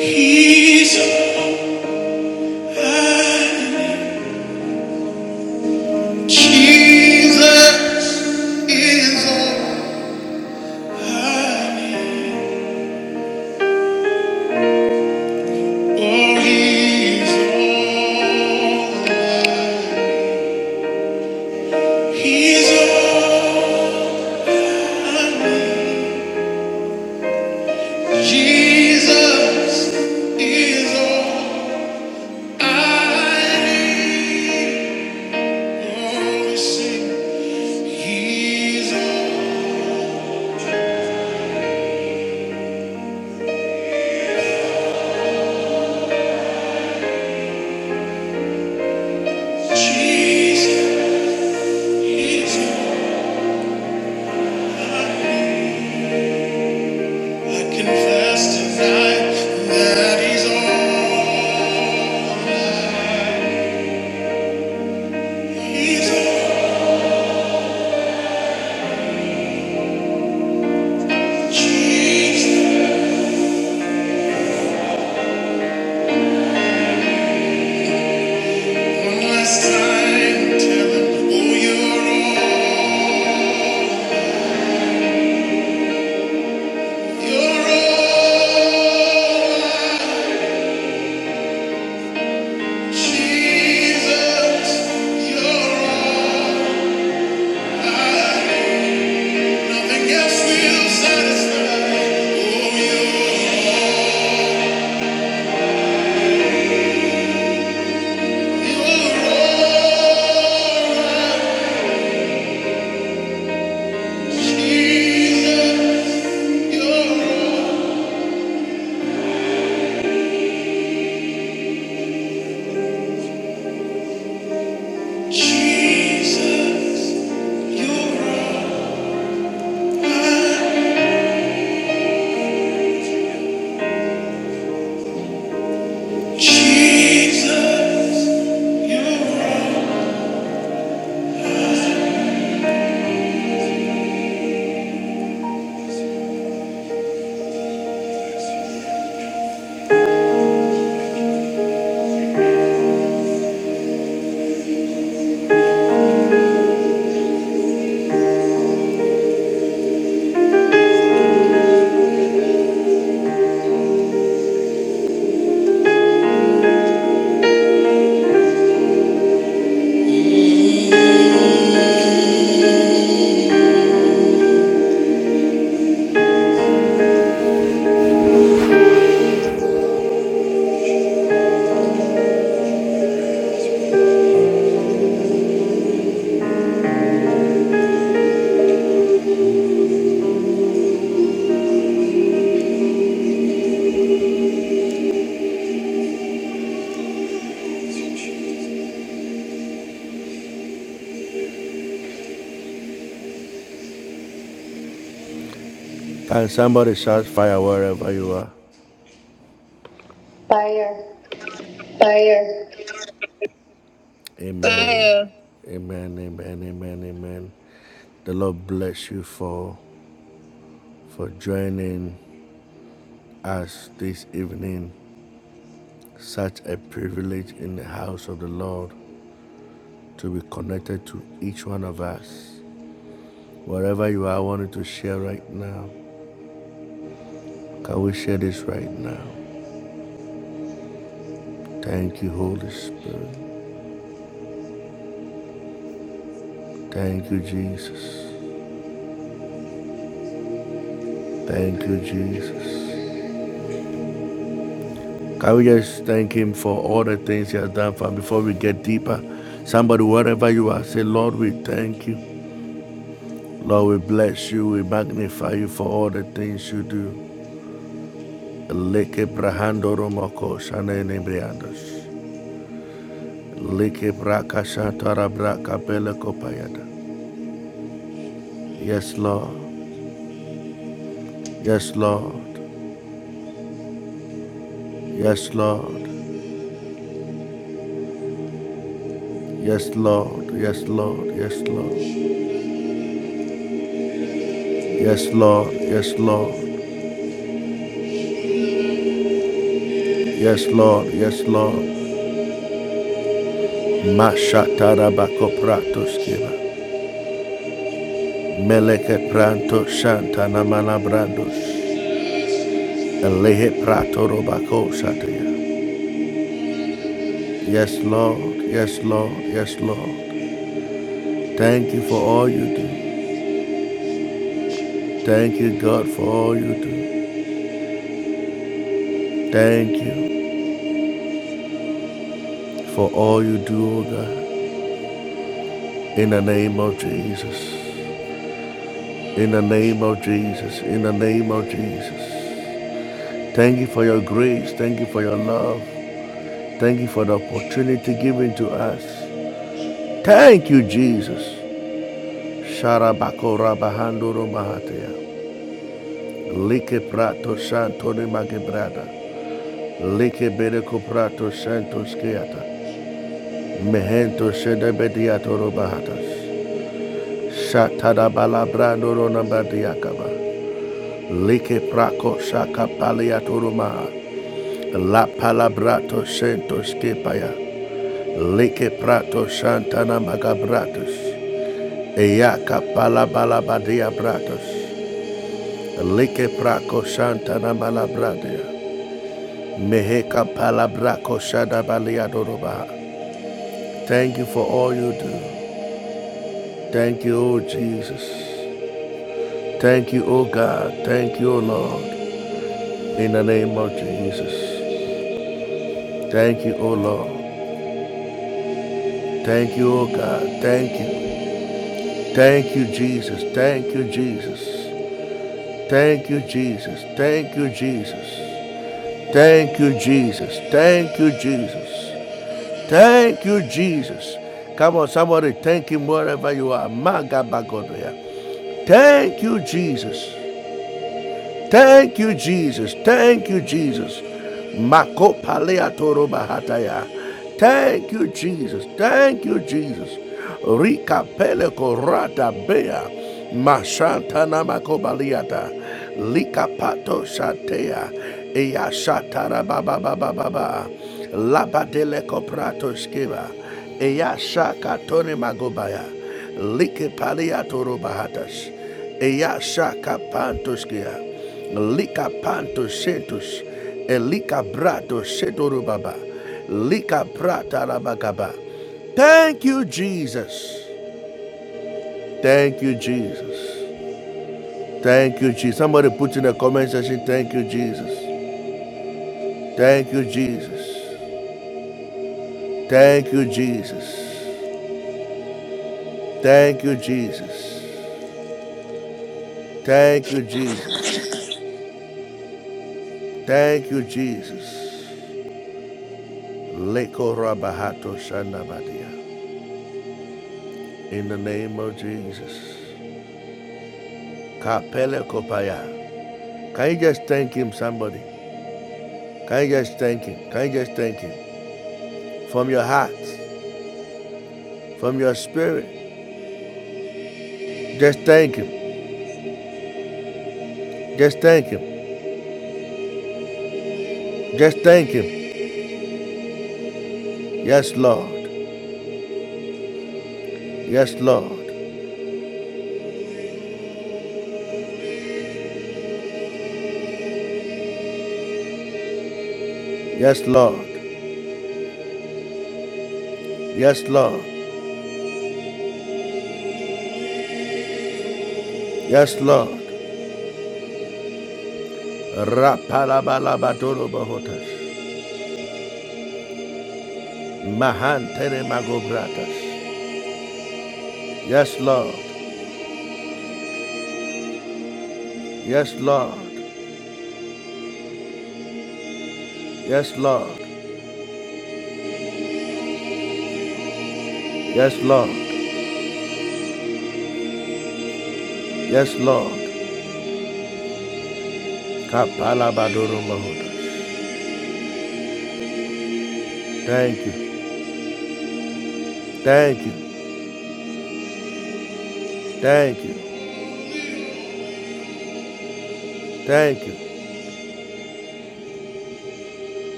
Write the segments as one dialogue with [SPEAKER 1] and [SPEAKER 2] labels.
[SPEAKER 1] He's alive. Jesus is alive. Oh, he's all. He's all. Jesus is all. I need. Oh, we sing. He's all. Jesus is all. I need. I confess tonight that he's all, he's all. Jesus, one last time, tell him, oh, you're all, you're all. Jesus, you're all. I, nothing else will satisfy. Oh, you're, you're all. Jesus. Jesus, right. right.
[SPEAKER 2] Fire.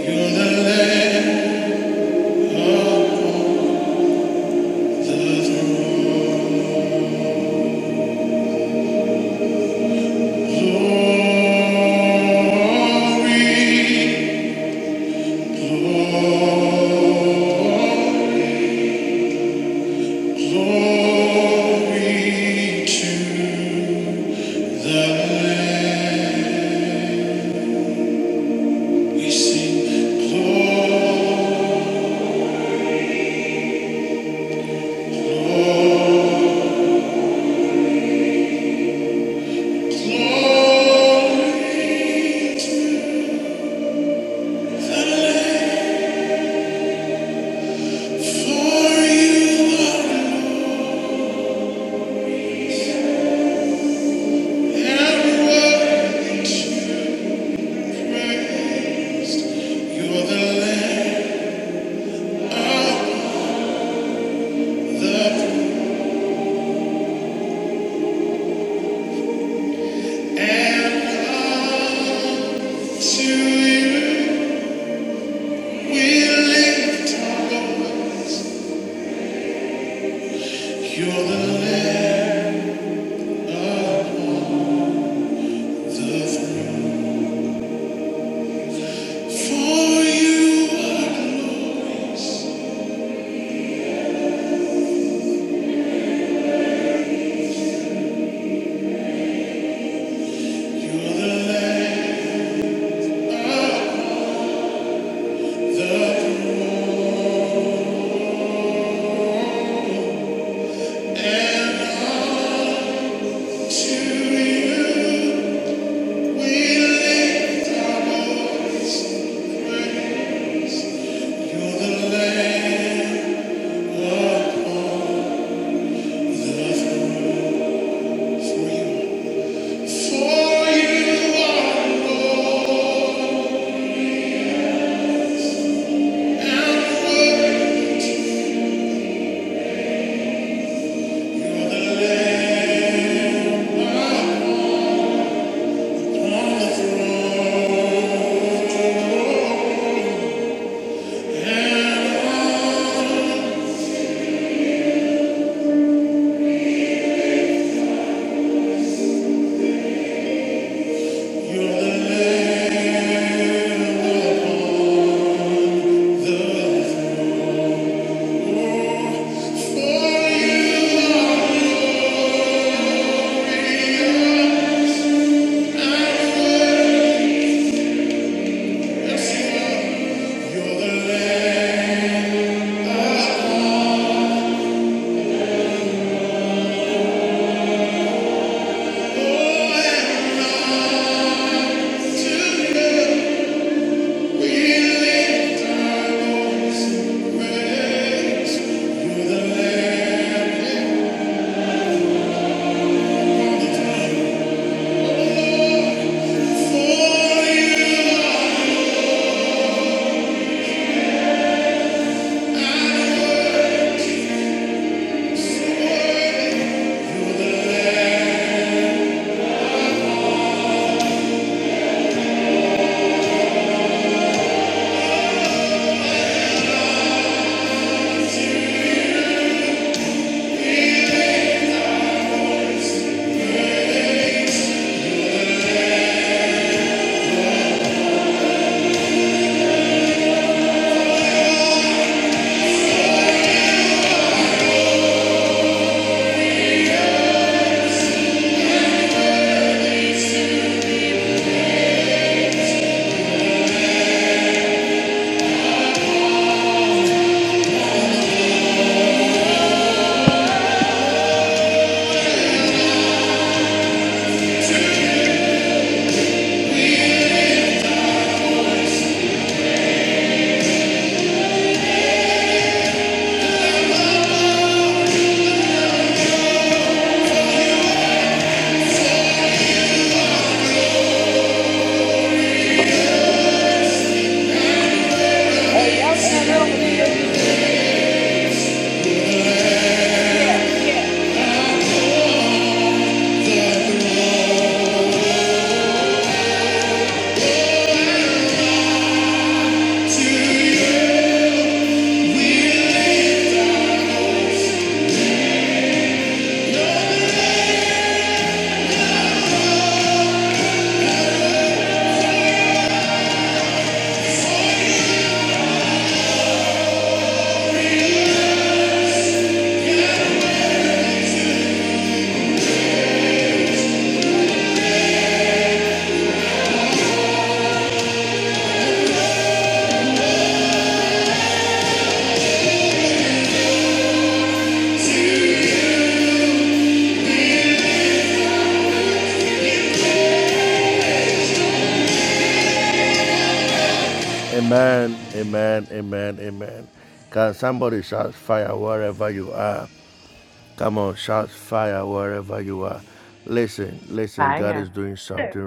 [SPEAKER 1] Thank you. To you we lift our voice. Thank you. You're the Lamb to love. We lift our voice in praise. You're the Lamb of the tribe Lord. For you are worthy. You're the Lamb to love.
[SPEAKER 2] Hey, y'all in that room and see what she needs. Just yeah.
[SPEAKER 3] Fire.
[SPEAKER 4] Shake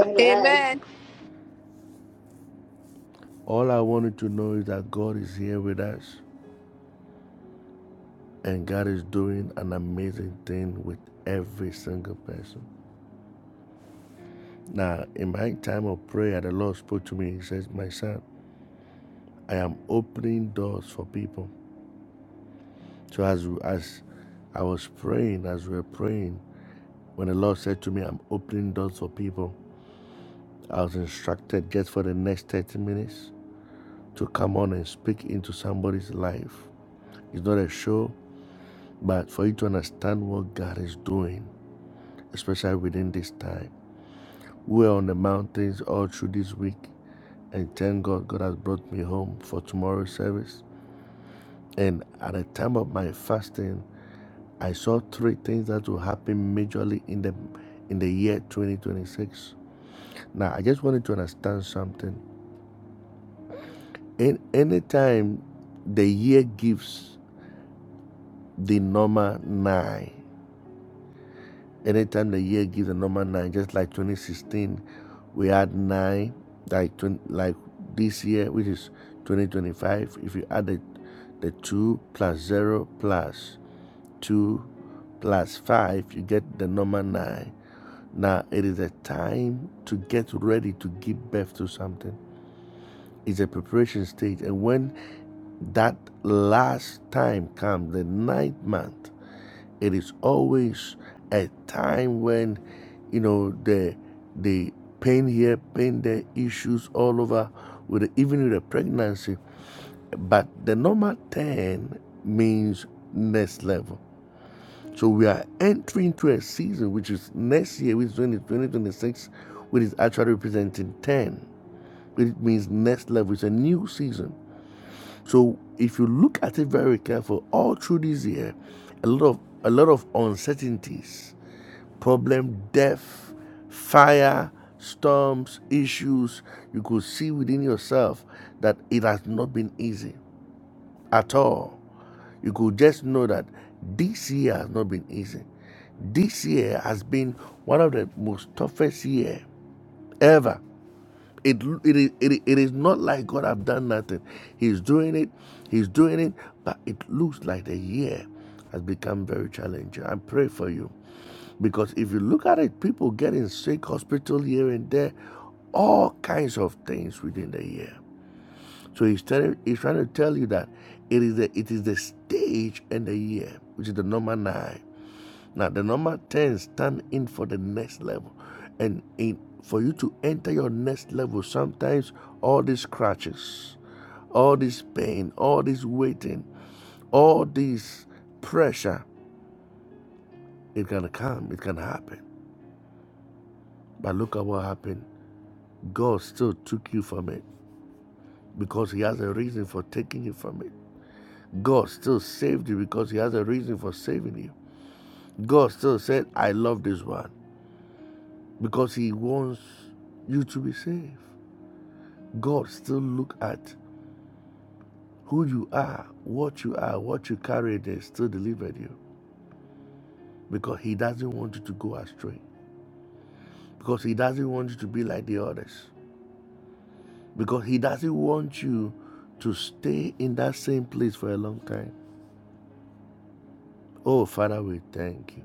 [SPEAKER 2] Amen.
[SPEAKER 5] Amen.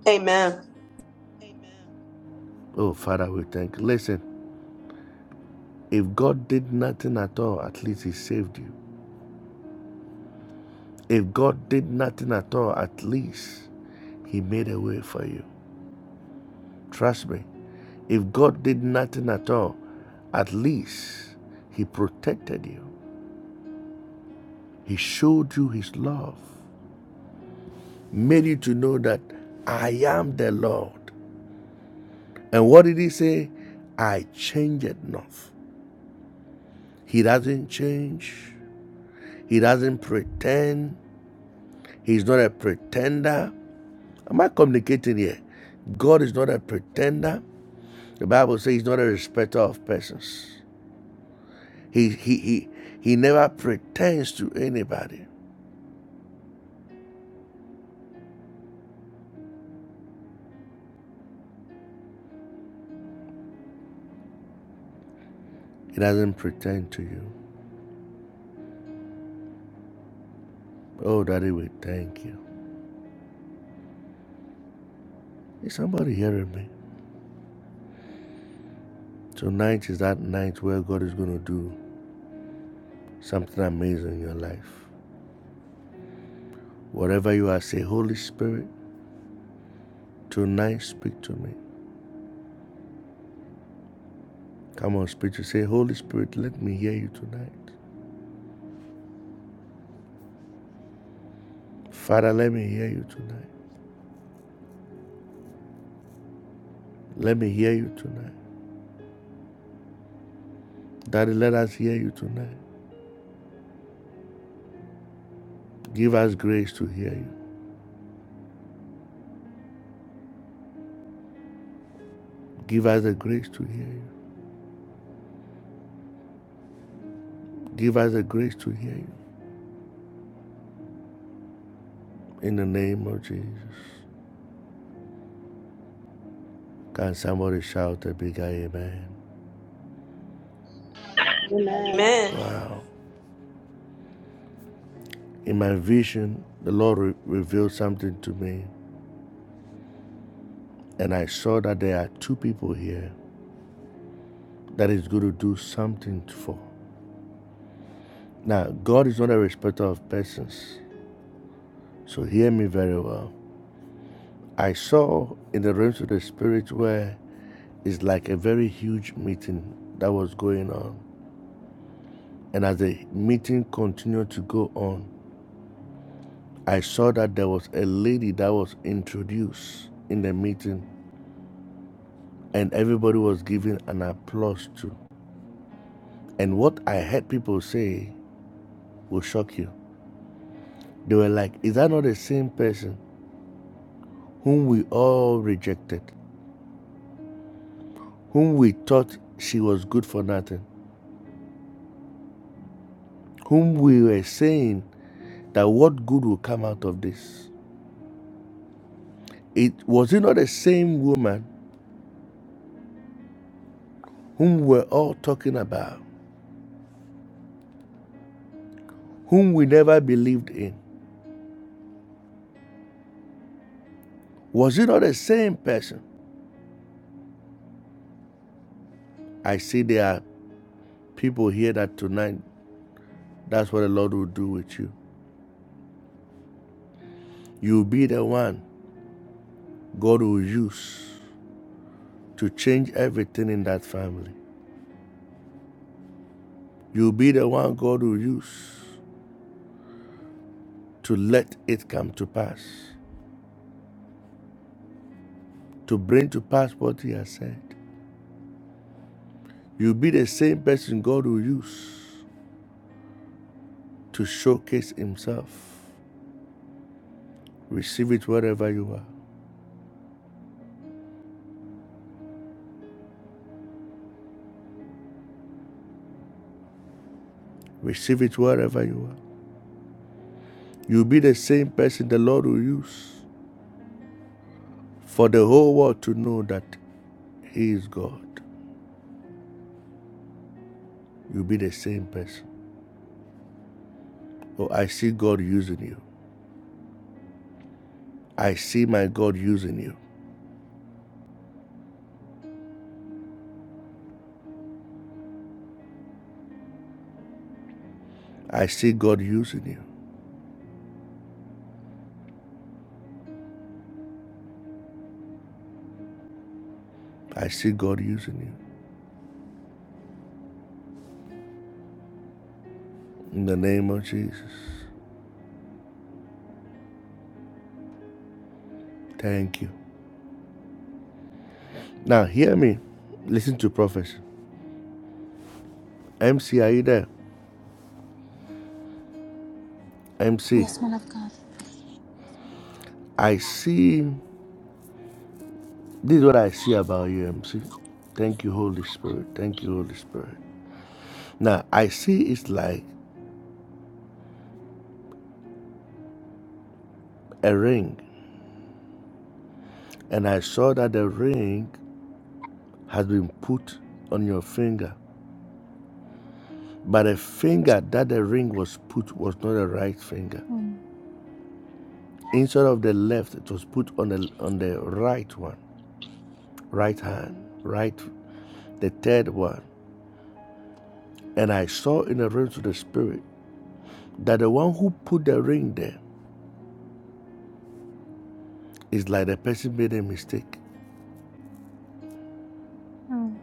[SPEAKER 6] Amen.
[SPEAKER 2] Amen.
[SPEAKER 6] Amen.
[SPEAKER 7] Yes, man of God. Mm, mm,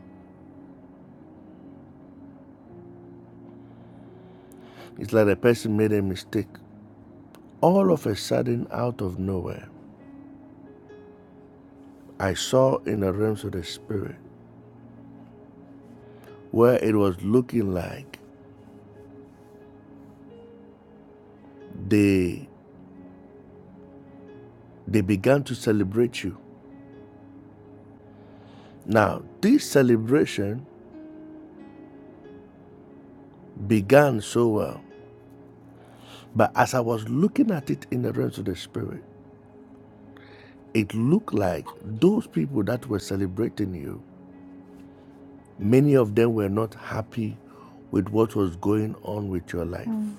[SPEAKER 7] mm.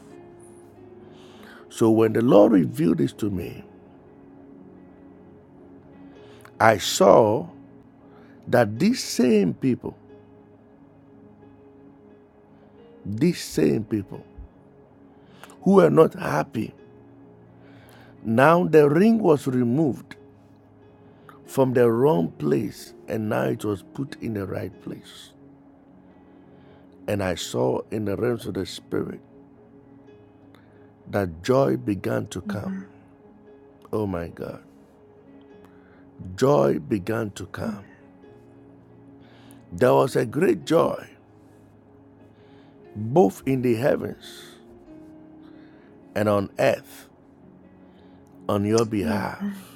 [SPEAKER 7] Amen. Amen. Amen.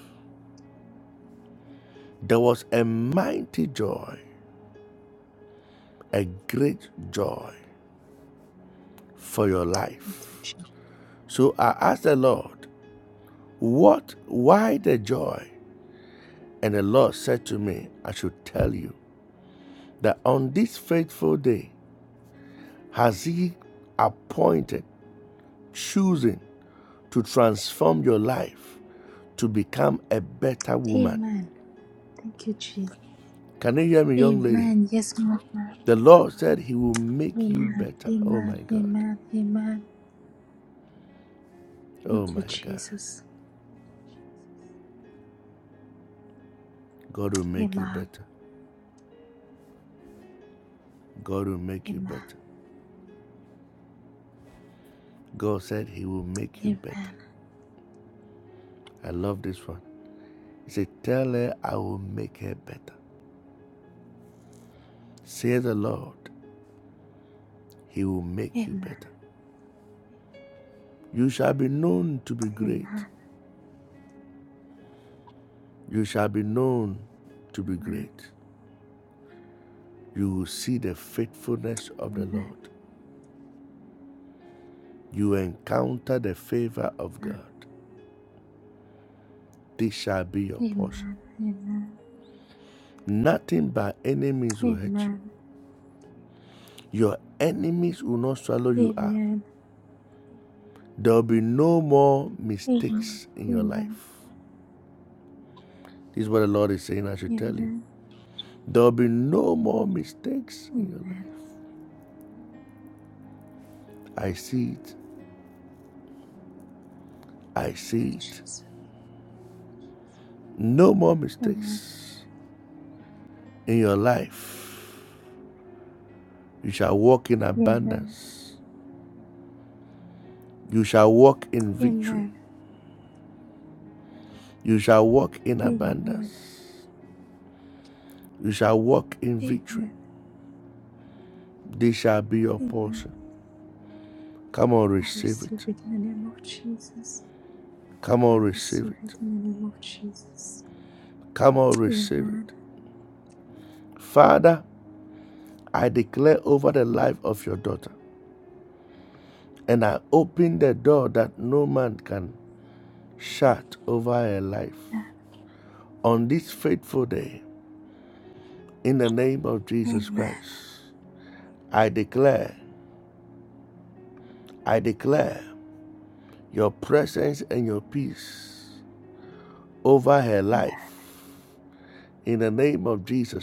[SPEAKER 7] Thank you, Jesus. Amen. Thank you, Jesus. Amen. Yes, man of God. Amen. Amen. Amen. Amen. Thank you, Jesus. Amen. Amen. Amen. Amen. Amen. Amen. Amen. Amen. Amen. Amen. Amen. Amen. Amen. Amen. Amen. Good Jesus. Amen. Amen. Amen. Amen. Amen. Amen. I receive it in the name of Jesus. I receive it in the name of Jesus. Amen. Amen.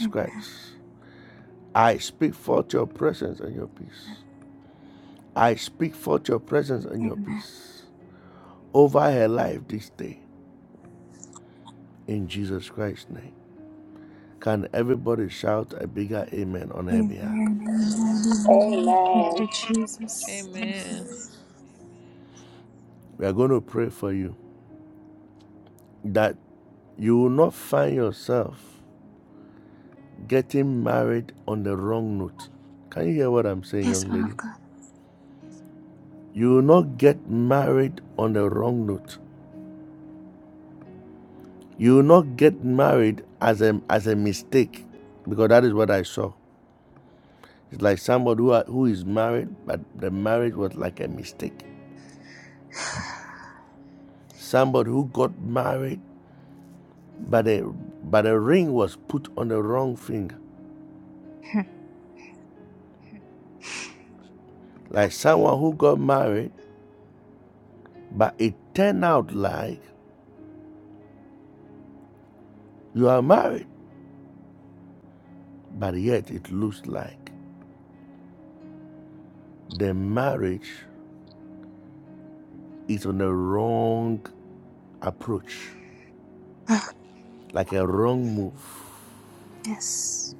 [SPEAKER 7] Amen. Amen. Amen. Amen. Amen. Thank
[SPEAKER 2] Amen.
[SPEAKER 7] you, Jesus. Thank you.
[SPEAKER 8] Amen.
[SPEAKER 7] Yes, man of God. Ah, yes.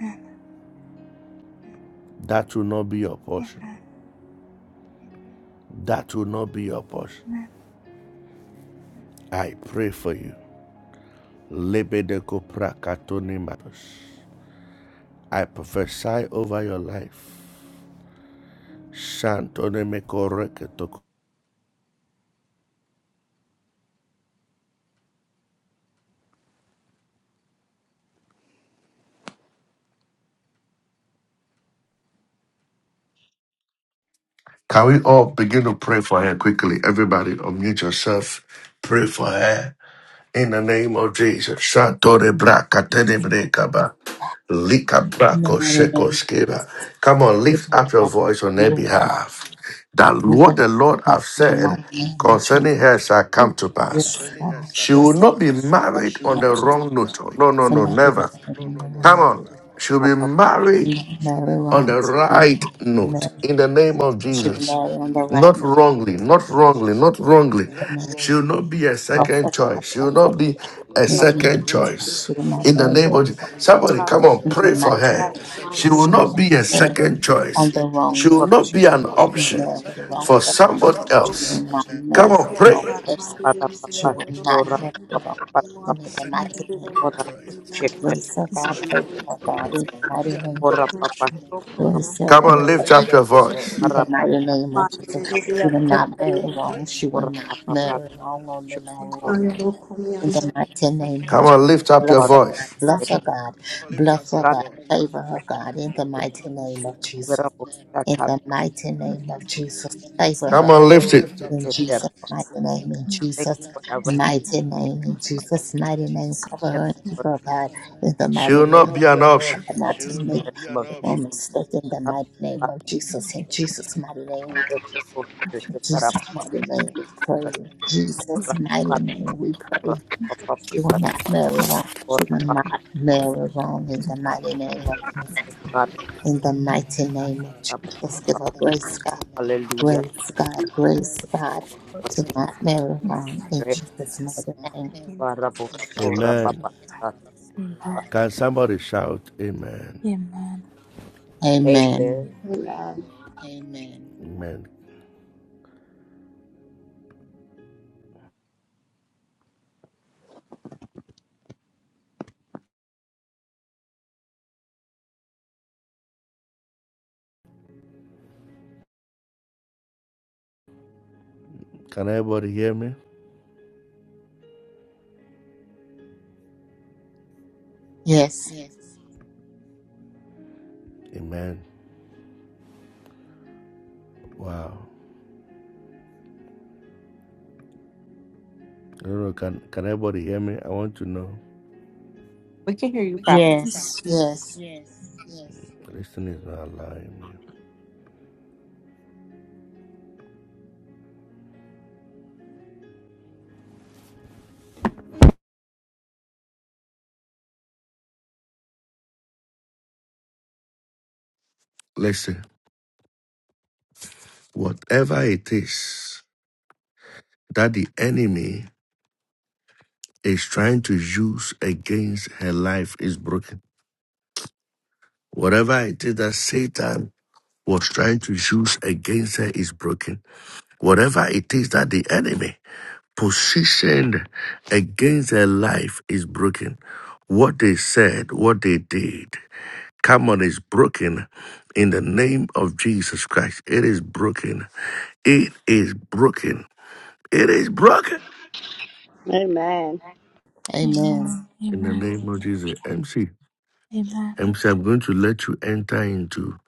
[SPEAKER 7] Amen. Amen. Amen.
[SPEAKER 9] Can we all begin to pray for her quickly? Everybody, unmute yourself. Pray for her in the name of Jesus. Shatore braka
[SPEAKER 7] Thank you,
[SPEAKER 9] tenebrekaba. Lika
[SPEAKER 10] In the
[SPEAKER 9] brako
[SPEAKER 10] mighty name of
[SPEAKER 9] shekoskeba. Come on, lift
[SPEAKER 10] Jesus,
[SPEAKER 9] up your
[SPEAKER 10] life,
[SPEAKER 9] voice on their
[SPEAKER 10] moving in our life,
[SPEAKER 9] behalf. That what
[SPEAKER 10] moving
[SPEAKER 9] the
[SPEAKER 10] in
[SPEAKER 9] Lord
[SPEAKER 10] fact,
[SPEAKER 9] have
[SPEAKER 10] in the
[SPEAKER 9] said
[SPEAKER 10] mighty name of Jesus.
[SPEAKER 9] concerning her shall come
[SPEAKER 7] Dear
[SPEAKER 9] to pass.
[SPEAKER 10] Yes, God.
[SPEAKER 9] She will
[SPEAKER 10] Yes, God.
[SPEAKER 9] not be
[SPEAKER 10] In the
[SPEAKER 9] married
[SPEAKER 10] name
[SPEAKER 9] on
[SPEAKER 10] of
[SPEAKER 9] the
[SPEAKER 10] Jesus.
[SPEAKER 9] wrong note. No, no,
[SPEAKER 10] Will
[SPEAKER 9] no, never. Come
[SPEAKER 10] not
[SPEAKER 9] on. She'll be
[SPEAKER 11] Father,
[SPEAKER 9] married
[SPEAKER 10] be married on the
[SPEAKER 9] on
[SPEAKER 10] wrong.
[SPEAKER 9] the
[SPEAKER 10] She will not
[SPEAKER 9] right note
[SPEAKER 10] marry
[SPEAKER 9] in the
[SPEAKER 10] wrong.
[SPEAKER 9] name of
[SPEAKER 10] She will not marry wrong. She will
[SPEAKER 9] Jesus.
[SPEAKER 10] marry on the right
[SPEAKER 9] Not
[SPEAKER 10] now.
[SPEAKER 9] wrongly, not wrongly, not wrongly.
[SPEAKER 10] In the
[SPEAKER 9] She
[SPEAKER 10] name
[SPEAKER 9] will not be a
[SPEAKER 1] We
[SPEAKER 11] thank
[SPEAKER 10] of Jesus. That's
[SPEAKER 1] lift
[SPEAKER 10] the
[SPEAKER 9] second
[SPEAKER 10] God.
[SPEAKER 9] choice. She will
[SPEAKER 10] Yes, God.
[SPEAKER 9] not be a
[SPEAKER 10] In the
[SPEAKER 11] God
[SPEAKER 10] name
[SPEAKER 9] second
[SPEAKER 10] of Jesus, she
[SPEAKER 9] choice.
[SPEAKER 10] will not
[SPEAKER 9] In the
[SPEAKER 10] marry on the
[SPEAKER 9] name of Je-
[SPEAKER 10] wrong. note.
[SPEAKER 9] somebody, come on,
[SPEAKER 10] In the
[SPEAKER 9] pray for
[SPEAKER 10] mighty name of
[SPEAKER 9] her. She
[SPEAKER 10] Jesus,
[SPEAKER 9] will
[SPEAKER 10] she will
[SPEAKER 9] not be a
[SPEAKER 10] not marry
[SPEAKER 9] second
[SPEAKER 10] on
[SPEAKER 9] choice.
[SPEAKER 10] the
[SPEAKER 9] She
[SPEAKER 10] wrong
[SPEAKER 9] will
[SPEAKER 10] note.
[SPEAKER 11] for
[SPEAKER 9] not
[SPEAKER 10] She
[SPEAKER 9] be
[SPEAKER 10] will
[SPEAKER 9] an
[SPEAKER 10] not
[SPEAKER 9] option
[SPEAKER 10] marry the wrong
[SPEAKER 9] for
[SPEAKER 10] person.
[SPEAKER 11] your word.
[SPEAKER 9] somebody
[SPEAKER 10] She will
[SPEAKER 9] else.
[SPEAKER 10] not
[SPEAKER 9] Come
[SPEAKER 10] marry
[SPEAKER 9] on,
[SPEAKER 10] the wrong
[SPEAKER 9] pray.
[SPEAKER 10] person.
[SPEAKER 11] Thank
[SPEAKER 10] She will
[SPEAKER 11] you for
[SPEAKER 10] not marry the wrong person in the mighty name of Jesus.
[SPEAKER 11] direction in
[SPEAKER 10] Grace her, God,
[SPEAKER 1] She
[SPEAKER 10] favor her,
[SPEAKER 1] will
[SPEAKER 10] God, in the
[SPEAKER 1] not be
[SPEAKER 10] mighty
[SPEAKER 1] an
[SPEAKER 10] name of Jesus.
[SPEAKER 1] option.
[SPEAKER 10] Grace her
[SPEAKER 9] Come
[SPEAKER 10] and
[SPEAKER 9] on, lift
[SPEAKER 10] favor
[SPEAKER 9] up your
[SPEAKER 10] her, God,
[SPEAKER 9] voice.
[SPEAKER 10] in the mighty name of Jesus.
[SPEAKER 1] come
[SPEAKER 10] She will not marry
[SPEAKER 1] on,
[SPEAKER 10] wrong.
[SPEAKER 1] pray.
[SPEAKER 10] She will not marry wrong on the long wrong. In the mighty name of
[SPEAKER 9] Come
[SPEAKER 10] Jesus.
[SPEAKER 9] on, lift up your
[SPEAKER 10] Bless her, God.
[SPEAKER 9] voice.
[SPEAKER 10] Bless her, God.
[SPEAKER 1] Lift
[SPEAKER 10] Bless
[SPEAKER 1] up
[SPEAKER 10] her,
[SPEAKER 1] your
[SPEAKER 10] God.
[SPEAKER 1] voice.
[SPEAKER 10] Favor her, God, in the mighty name of Jesus. In the mighty name of Jesus. Favor her.
[SPEAKER 9] Come on, lift it.
[SPEAKER 10] In Jesus' mighty name, in Jesus'
[SPEAKER 7] Jesus.
[SPEAKER 10] mighty name, in Jesus' mighty name, cover her and keep her, oh God, in the
[SPEAKER 9] She
[SPEAKER 10] mighty
[SPEAKER 9] will
[SPEAKER 10] name
[SPEAKER 9] not
[SPEAKER 10] of
[SPEAKER 9] be an
[SPEAKER 10] Jesus,
[SPEAKER 9] option.
[SPEAKER 10] and not to make
[SPEAKER 11] the name of
[SPEAKER 10] the one
[SPEAKER 11] Jesus.
[SPEAKER 10] mistake in the
[SPEAKER 11] Thank
[SPEAKER 10] mighty name of Jesus. In Jesus' mighty name, we
[SPEAKER 11] you In
[SPEAKER 10] in
[SPEAKER 11] the
[SPEAKER 10] Jesus' mighty name we pray. In Jesus' mighty
[SPEAKER 11] name
[SPEAKER 10] name we pray. She will not marry wrong. She
[SPEAKER 11] of
[SPEAKER 10] will
[SPEAKER 11] Jesus.
[SPEAKER 10] not marry wrong in the mighty name of Jesus.
[SPEAKER 11] God,
[SPEAKER 10] In the mighty name of
[SPEAKER 11] we
[SPEAKER 10] Jesus, give her grace, God.
[SPEAKER 11] Hallelujah.
[SPEAKER 10] Grace, God, grace, God, to not marry
[SPEAKER 7] Thank
[SPEAKER 10] wrong
[SPEAKER 7] you,
[SPEAKER 10] in Jesus'
[SPEAKER 7] Jesus.
[SPEAKER 10] mighty name.
[SPEAKER 7] Amen.
[SPEAKER 11] Rebarabosora papa papa.
[SPEAKER 7] Amen. Amen.
[SPEAKER 10] Amen.
[SPEAKER 11] Amen.
[SPEAKER 2] Amen.
[SPEAKER 10] Yes,
[SPEAKER 3] We can hear you properly.
[SPEAKER 10] yes,
[SPEAKER 7] Yes.
[SPEAKER 10] yes.
[SPEAKER 9] Listen. Whatever it is that the enemy is trying to use against her life is broken. Whatever it is that Satan was trying to use against her is broken. Whatever it is that the enemy positioned against her life is broken. What they said, what they did, come on, is broken in the name of Jesus Christ. It is broken. It is broken. It is broken.
[SPEAKER 2] Amen.
[SPEAKER 10] Amen.
[SPEAKER 7] Amen.
[SPEAKER 9] In the
[SPEAKER 7] Amen.
[SPEAKER 9] name of Jesus. MC,
[SPEAKER 7] Amen.
[SPEAKER 9] MC, I'm going to let you enter into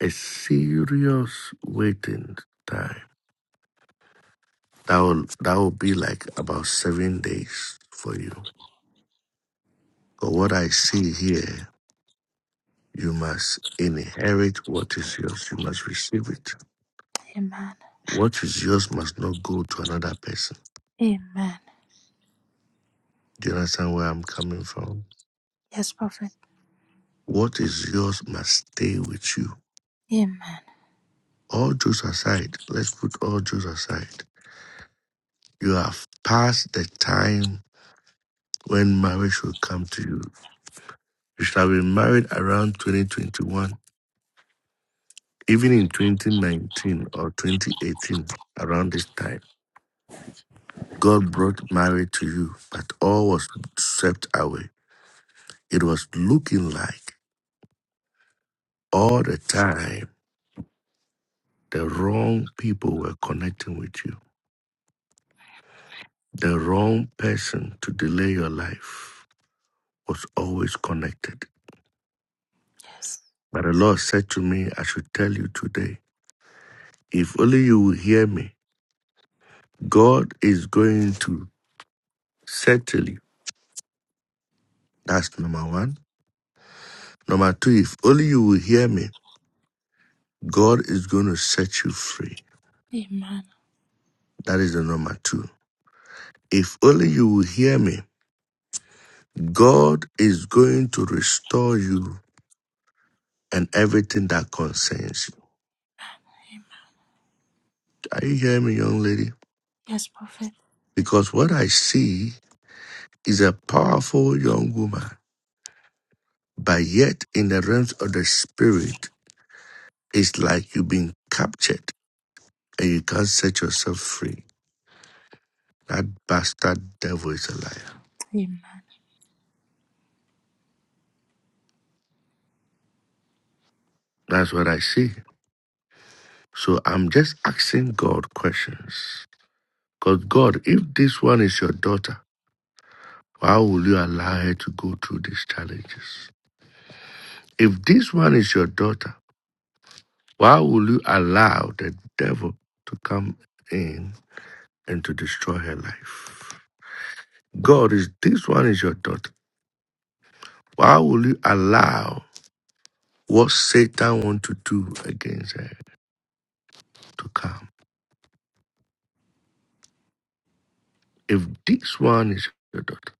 [SPEAKER 9] a serious waiting time. That will that will be like about seven days for you. But what I see here, you must inherit what is yours. You must receive it.
[SPEAKER 7] Amen.
[SPEAKER 9] What is yours must not go to another person.
[SPEAKER 7] Amen.
[SPEAKER 9] Do you understand where I'm coming from?
[SPEAKER 7] Yes, Prophet.
[SPEAKER 9] What is yours must stay with you.
[SPEAKER 7] Amen.
[SPEAKER 9] All jokes aside, let's put all jokes aside. You have passed the time when marriage will come to you. You shall be married around 2021, even in 2019 or 2018, around this time. God brought marriage to you, but all was swept away. It was looking like all the time the wrong people were connecting with you. The wrong person to delay your life was always connected.
[SPEAKER 7] Yes.
[SPEAKER 9] But the Lord said to me, I should tell you today, if only you will hear me, God is going to Certainly. That's number one. Number two, if only you will hear me, God is going to set you free.
[SPEAKER 7] Amen.
[SPEAKER 9] That is the number two. If only you will hear me, God is going to restore you and everything that concerns you.
[SPEAKER 7] Amen.
[SPEAKER 9] Are you hearing me, young lady?
[SPEAKER 7] Yes, Prophet.
[SPEAKER 9] Because what I see is a powerful young woman, but yet in the realms of the spirit, it's like you've been captured and you can't set yourself free. That bastard devil is a liar.
[SPEAKER 7] Amen.
[SPEAKER 9] That's what I see. So I'm just asking God questions. Because God, if this one is your daughter, why will you allow her to go through these challenges? If this one is your daughter, why will you allow the devil to come in and to destroy her life? God, if this one is your daughter, why will you allow what Satan want to do against her to come? If this one is your daughter,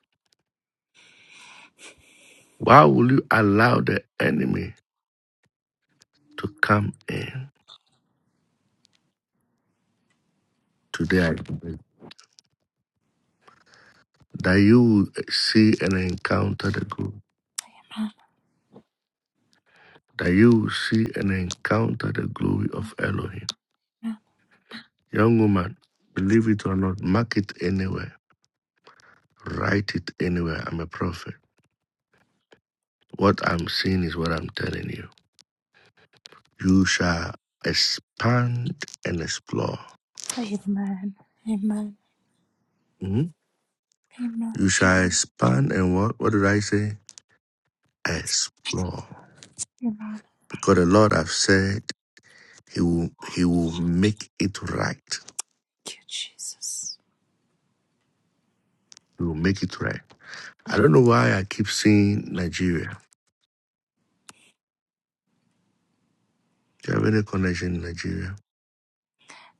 [SPEAKER 9] why will you allow the enemy to come in today. I pray That you will see and encounter the glory. That you will see and encounter the glory of Elohim.
[SPEAKER 7] Amen.
[SPEAKER 9] Young woman, believe it or not, mark it anywhere. Write it anywhere. I'm a prophet. What I'm seeing is what I'm telling you. You shall expand and explore.
[SPEAKER 7] Amen. Amen. Amen.
[SPEAKER 9] Mhm. You
[SPEAKER 7] Amen.
[SPEAKER 9] shall expand and what? What did I say?
[SPEAKER 7] Ex-
[SPEAKER 9] Explore.
[SPEAKER 7] Amen.
[SPEAKER 9] Because the Lord have said he will he will make it right.
[SPEAKER 7] Thank you, Jesus.
[SPEAKER 9] We will make it right. I don't know why I keep seeing Nigeria. Do you have any connection in Nigeria?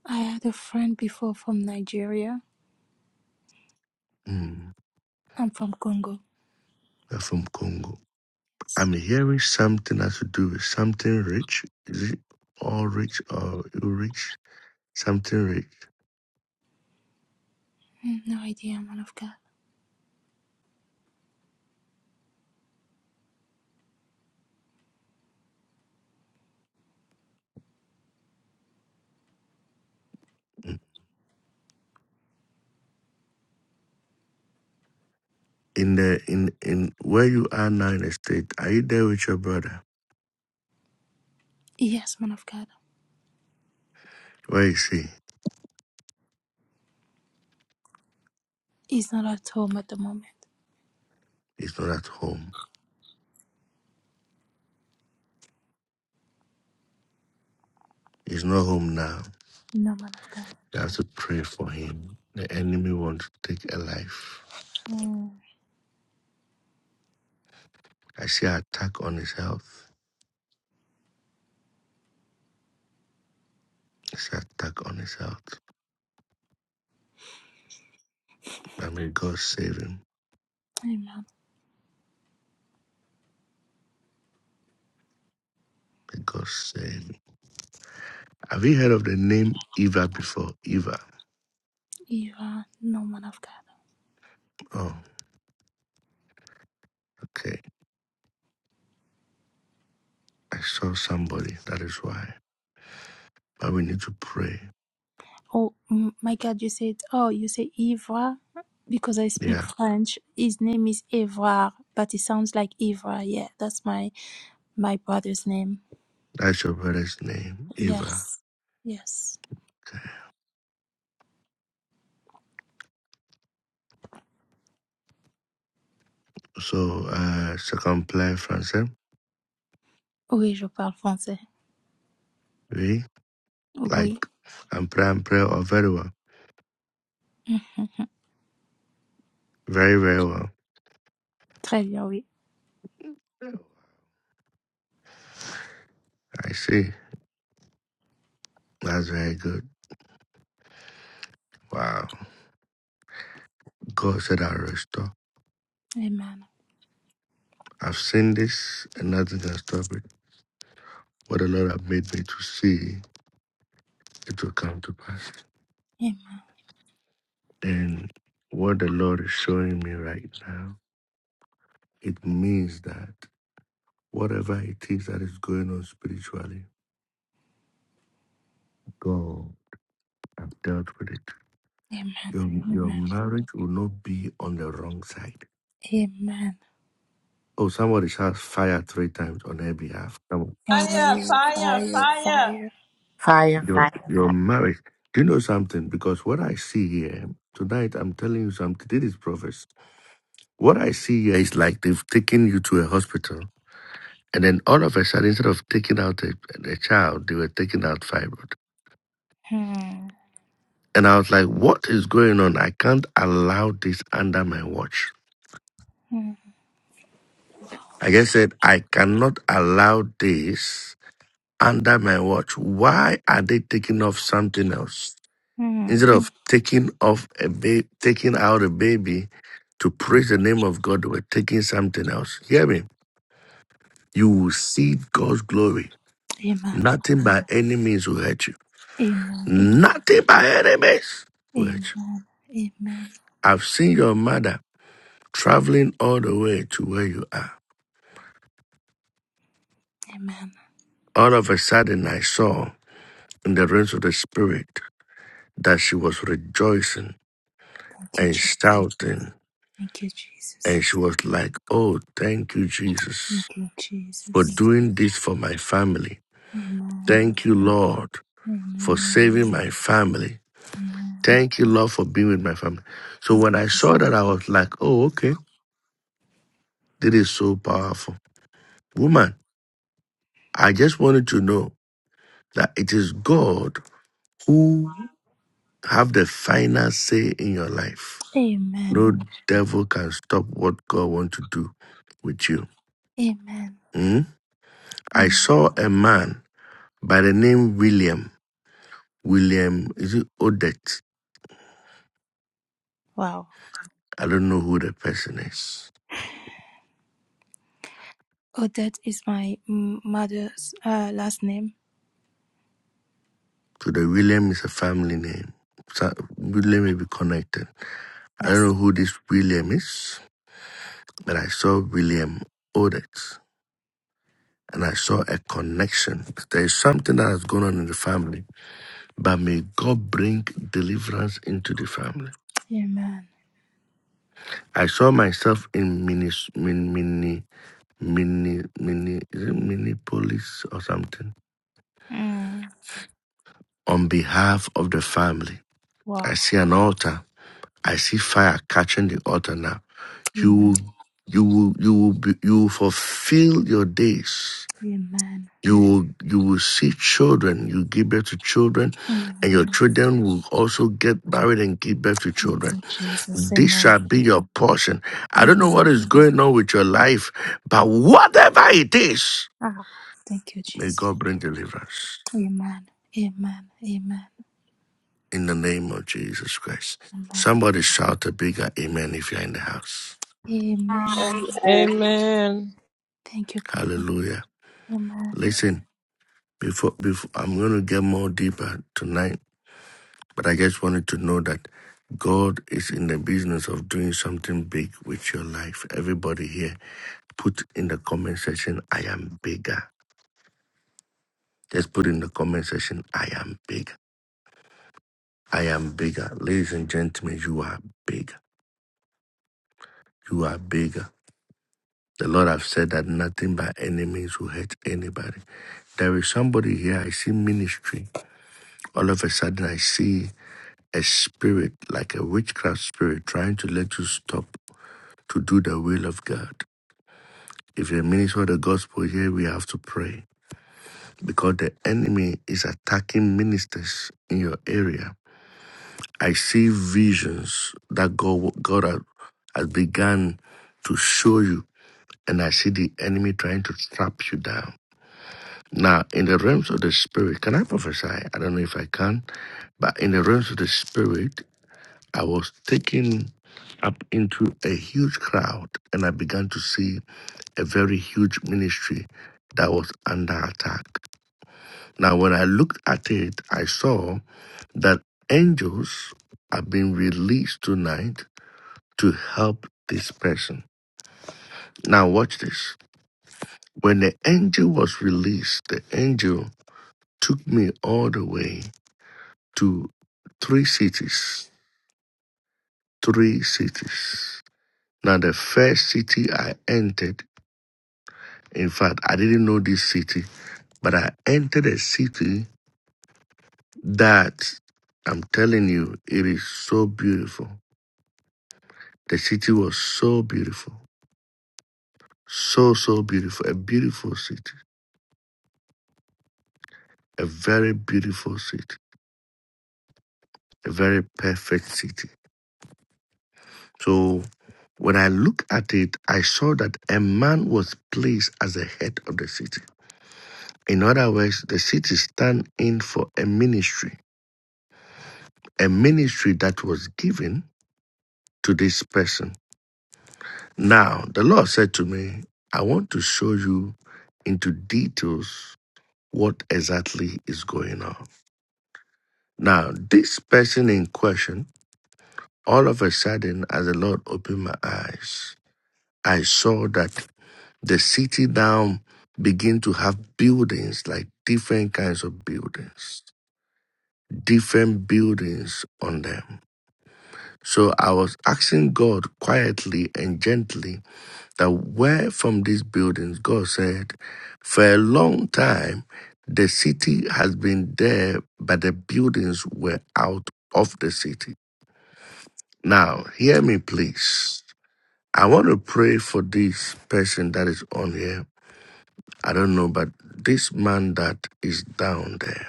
[SPEAKER 7] I had a friend before from Nigeria.
[SPEAKER 9] Hmm.
[SPEAKER 7] I'm from Congo.
[SPEAKER 9] You're from Congo. I'm hearing something has to do with something rich. Is it all rich or you rich? Something rich.
[SPEAKER 7] Mm, No idea, man of God.
[SPEAKER 9] Hmm. In the in in where you are now in the state, are you there with your brother?
[SPEAKER 7] Yes, man of God.
[SPEAKER 9] Where is he?
[SPEAKER 7] He's not at home at the moment.
[SPEAKER 9] He's not at home. He's not home now.
[SPEAKER 7] No, man of God.
[SPEAKER 9] You have to pray for him. The enemy wants to take a life.
[SPEAKER 7] Mm,
[SPEAKER 9] I see an attack on his health. It's an attack on his health. I may God save him.
[SPEAKER 7] Amen.
[SPEAKER 9] May God save him. Have you heard of the name Eva before? Eva.
[SPEAKER 7] You are no man of God.
[SPEAKER 9] Oh, okay. I saw somebody. That is why. But we need to pray.
[SPEAKER 7] Oh mm, my God, you said, oh, you say Ivra because I speak
[SPEAKER 9] Yeah,
[SPEAKER 7] French. His name is Evrard, but it sounds like Ivra. Yeah, that's my my brother's name.
[SPEAKER 9] that's your brother's name, Eva.
[SPEAKER 7] Yes, yes.
[SPEAKER 9] Okay. So, uh, second player, Francais.
[SPEAKER 7] Oui, je parle français.
[SPEAKER 9] We like,
[SPEAKER 7] Oui,
[SPEAKER 9] I'm pray and pray oh, very well.
[SPEAKER 7] Mm,
[SPEAKER 9] Very, very well.
[SPEAKER 7] très bien, oui.
[SPEAKER 9] I see. That's very good. Wow. God said I'll restore.
[SPEAKER 7] Amen.
[SPEAKER 9] I've seen this and nothing can stop it. What the Lord have made me to see. it will come to pass.
[SPEAKER 7] Amen.
[SPEAKER 9] And what the Lord is showing me right now, it means that whatever it is that is going on spiritually, God, I've dealt with it. Your your
[SPEAKER 7] Amen.
[SPEAKER 9] marriage will not be on the wrong side.
[SPEAKER 7] Amen. Amen.
[SPEAKER 9] Oh, somebody shouts fire three times on their behalf. Come on.
[SPEAKER 6] Fire,
[SPEAKER 7] Fire,
[SPEAKER 6] fire,
[SPEAKER 7] fire,
[SPEAKER 6] fire.
[SPEAKER 7] fire.
[SPEAKER 10] Fire,
[SPEAKER 9] Your
[SPEAKER 10] fire,
[SPEAKER 9] your
[SPEAKER 10] fire.
[SPEAKER 9] marriage. Do you know something? Because what I see here tonight, I'm telling you something. This is prophets. What I see here is like they've taken you to a hospital And then all of a sudden, instead of taking out a, a child, they were taking out fibroid.
[SPEAKER 7] Hmm.
[SPEAKER 9] And I was like, what is going on? I can't allow this under my watch.
[SPEAKER 7] Hmm.
[SPEAKER 9] I just said, I cannot allow this under my watch. Why are they taking off something else?
[SPEAKER 7] Hmm.
[SPEAKER 9] Instead of taking off a ba- taking out a baby to praise the name of God, they were taking something else. Hear me. You will see God's glory.
[SPEAKER 7] Amen.
[SPEAKER 9] Nothing by any means will hurt you.
[SPEAKER 7] Amen.
[SPEAKER 9] Nothing by any means will hurt you.
[SPEAKER 7] Amen. Amen.
[SPEAKER 9] I've seen your mother traveling all the way to where you are.
[SPEAKER 7] Amen.
[SPEAKER 9] All of a sudden, I saw in the realms of the spirit that she was rejoicing
[SPEAKER 7] Thank you,
[SPEAKER 9] and
[SPEAKER 7] Jesus.
[SPEAKER 9] shouting.
[SPEAKER 7] Thank you, Jesus.
[SPEAKER 9] And she was like, Oh, thank you, Jesus,
[SPEAKER 7] Thank you,
[SPEAKER 9] for
[SPEAKER 7] Jesus.
[SPEAKER 9] doing this for my family.
[SPEAKER 7] Amen.
[SPEAKER 9] Thank you, Lord, for
[SPEAKER 7] Amen.
[SPEAKER 9] saving my family.
[SPEAKER 7] Amen.
[SPEAKER 9] Thank you, Lord, for being with my family. So when I saw that, I was like, Oh, okay, this is so powerful. Woman, I just wanted to know that it is God who Have the final say in your life.
[SPEAKER 7] Amen.
[SPEAKER 9] No devil can stop what God wants to do with you.
[SPEAKER 7] Amen.
[SPEAKER 9] Hmm? I
[SPEAKER 7] Amen.
[SPEAKER 9] saw a man by the name William. William, is it Odette?
[SPEAKER 7] Wow.
[SPEAKER 9] I don't know who the person is.
[SPEAKER 7] Odette is my mm, mother's uh, last name.
[SPEAKER 9] So the William is a family name. So William may be connected. I don't
[SPEAKER 7] Yes.
[SPEAKER 9] know who this William is, but I saw William Odette and I saw a connection. There is something that has gone on in the family but may God bring deliverance into the family.
[SPEAKER 7] Amen.
[SPEAKER 9] I saw myself in Minneapolis mini, mini, mini, mini, is it or something
[SPEAKER 7] Mm.
[SPEAKER 9] on behalf of the family. I
[SPEAKER 7] Wow.
[SPEAKER 9] see an altar. I see fire catching the altar now. You,
[SPEAKER 7] Amen.
[SPEAKER 9] will- you, will, you will, be, you will fulfill your days.
[SPEAKER 7] Amen.
[SPEAKER 9] You will, you will see children. You give birth to children, and your
[SPEAKER 7] Amen.
[SPEAKER 9] children will also get married and give birth to
[SPEAKER 7] Thank
[SPEAKER 9] children.
[SPEAKER 7] you, Jesus.
[SPEAKER 9] This shall
[SPEAKER 7] Amen.
[SPEAKER 9] be your portion. I don't know
[SPEAKER 7] Amen.
[SPEAKER 9] what is going on with your life, but whatever it is,
[SPEAKER 7] Ah, thank you,
[SPEAKER 9] may
[SPEAKER 7] Jesus.
[SPEAKER 9] God bring deliverance
[SPEAKER 7] Amen. Amen. Amen.
[SPEAKER 9] in the name of Jesus Christ.
[SPEAKER 7] Amen.
[SPEAKER 9] Somebody shout a bigger amen if you're in the house.
[SPEAKER 7] Amen.
[SPEAKER 2] Amen.
[SPEAKER 8] Amen.
[SPEAKER 7] Thank you, Papa.
[SPEAKER 9] Hallelujah.
[SPEAKER 7] Amen.
[SPEAKER 9] Listen, before, before I'm going to get more deeper tonight, but I just wanted to know that God is in the business of doing something big with your life. Everybody here, put in the comment section, I am bigger. Just put in the comment section, I am bigger. I am bigger. Ladies and gentlemen, you are bigger. You are bigger. The Lord have said that nothing by any means will hurt anybody. There is somebody here, I see ministry. All of a sudden, I see a spirit, like a witchcraft spirit, trying to let you stop to do the will of God. If you're a minister of the gospel here, we have to pray because the enemy is attacking ministers in your area I see visions that God God has, has begun to show you, and I see the enemy trying to trap you down. Now, in the realms of the spirit, can I prophesy? I don't know if I can, but in the realms of the spirit, I was taken up into a huge crowd, and I began to see a very huge ministry that was under attack. Now, when I looked at it, I saw that angels have been released tonight to help this person. Now, watch this. When the angel was released, the angel took me all the way to three cities. Three cities. Now, the first city I entered, in fact, I didn't know this city, but I entered a city that I'm telling you, it is so beautiful. The city was so beautiful. So, so beautiful. A beautiful city. A very beautiful city. a very perfect city. So when I look at it, I saw that a man was placed as the head of the city. In other words, the city stand in for a ministry, a ministry that was given to this person. Now, the Lord said to me, I want to show you into details what exactly is going on. Now, this person in question, all of a sudden, as the Lord opened my eyes, I saw that The city now begin to have buildings, like different kinds of buildings, different buildings on them. So I was asking God quietly and gently that where from these buildings, God said, for a long time, the city has been there, but the buildings were out of the city. Now, hear me, please. I want to pray for this person that is on here I don't know, but this man that is down there,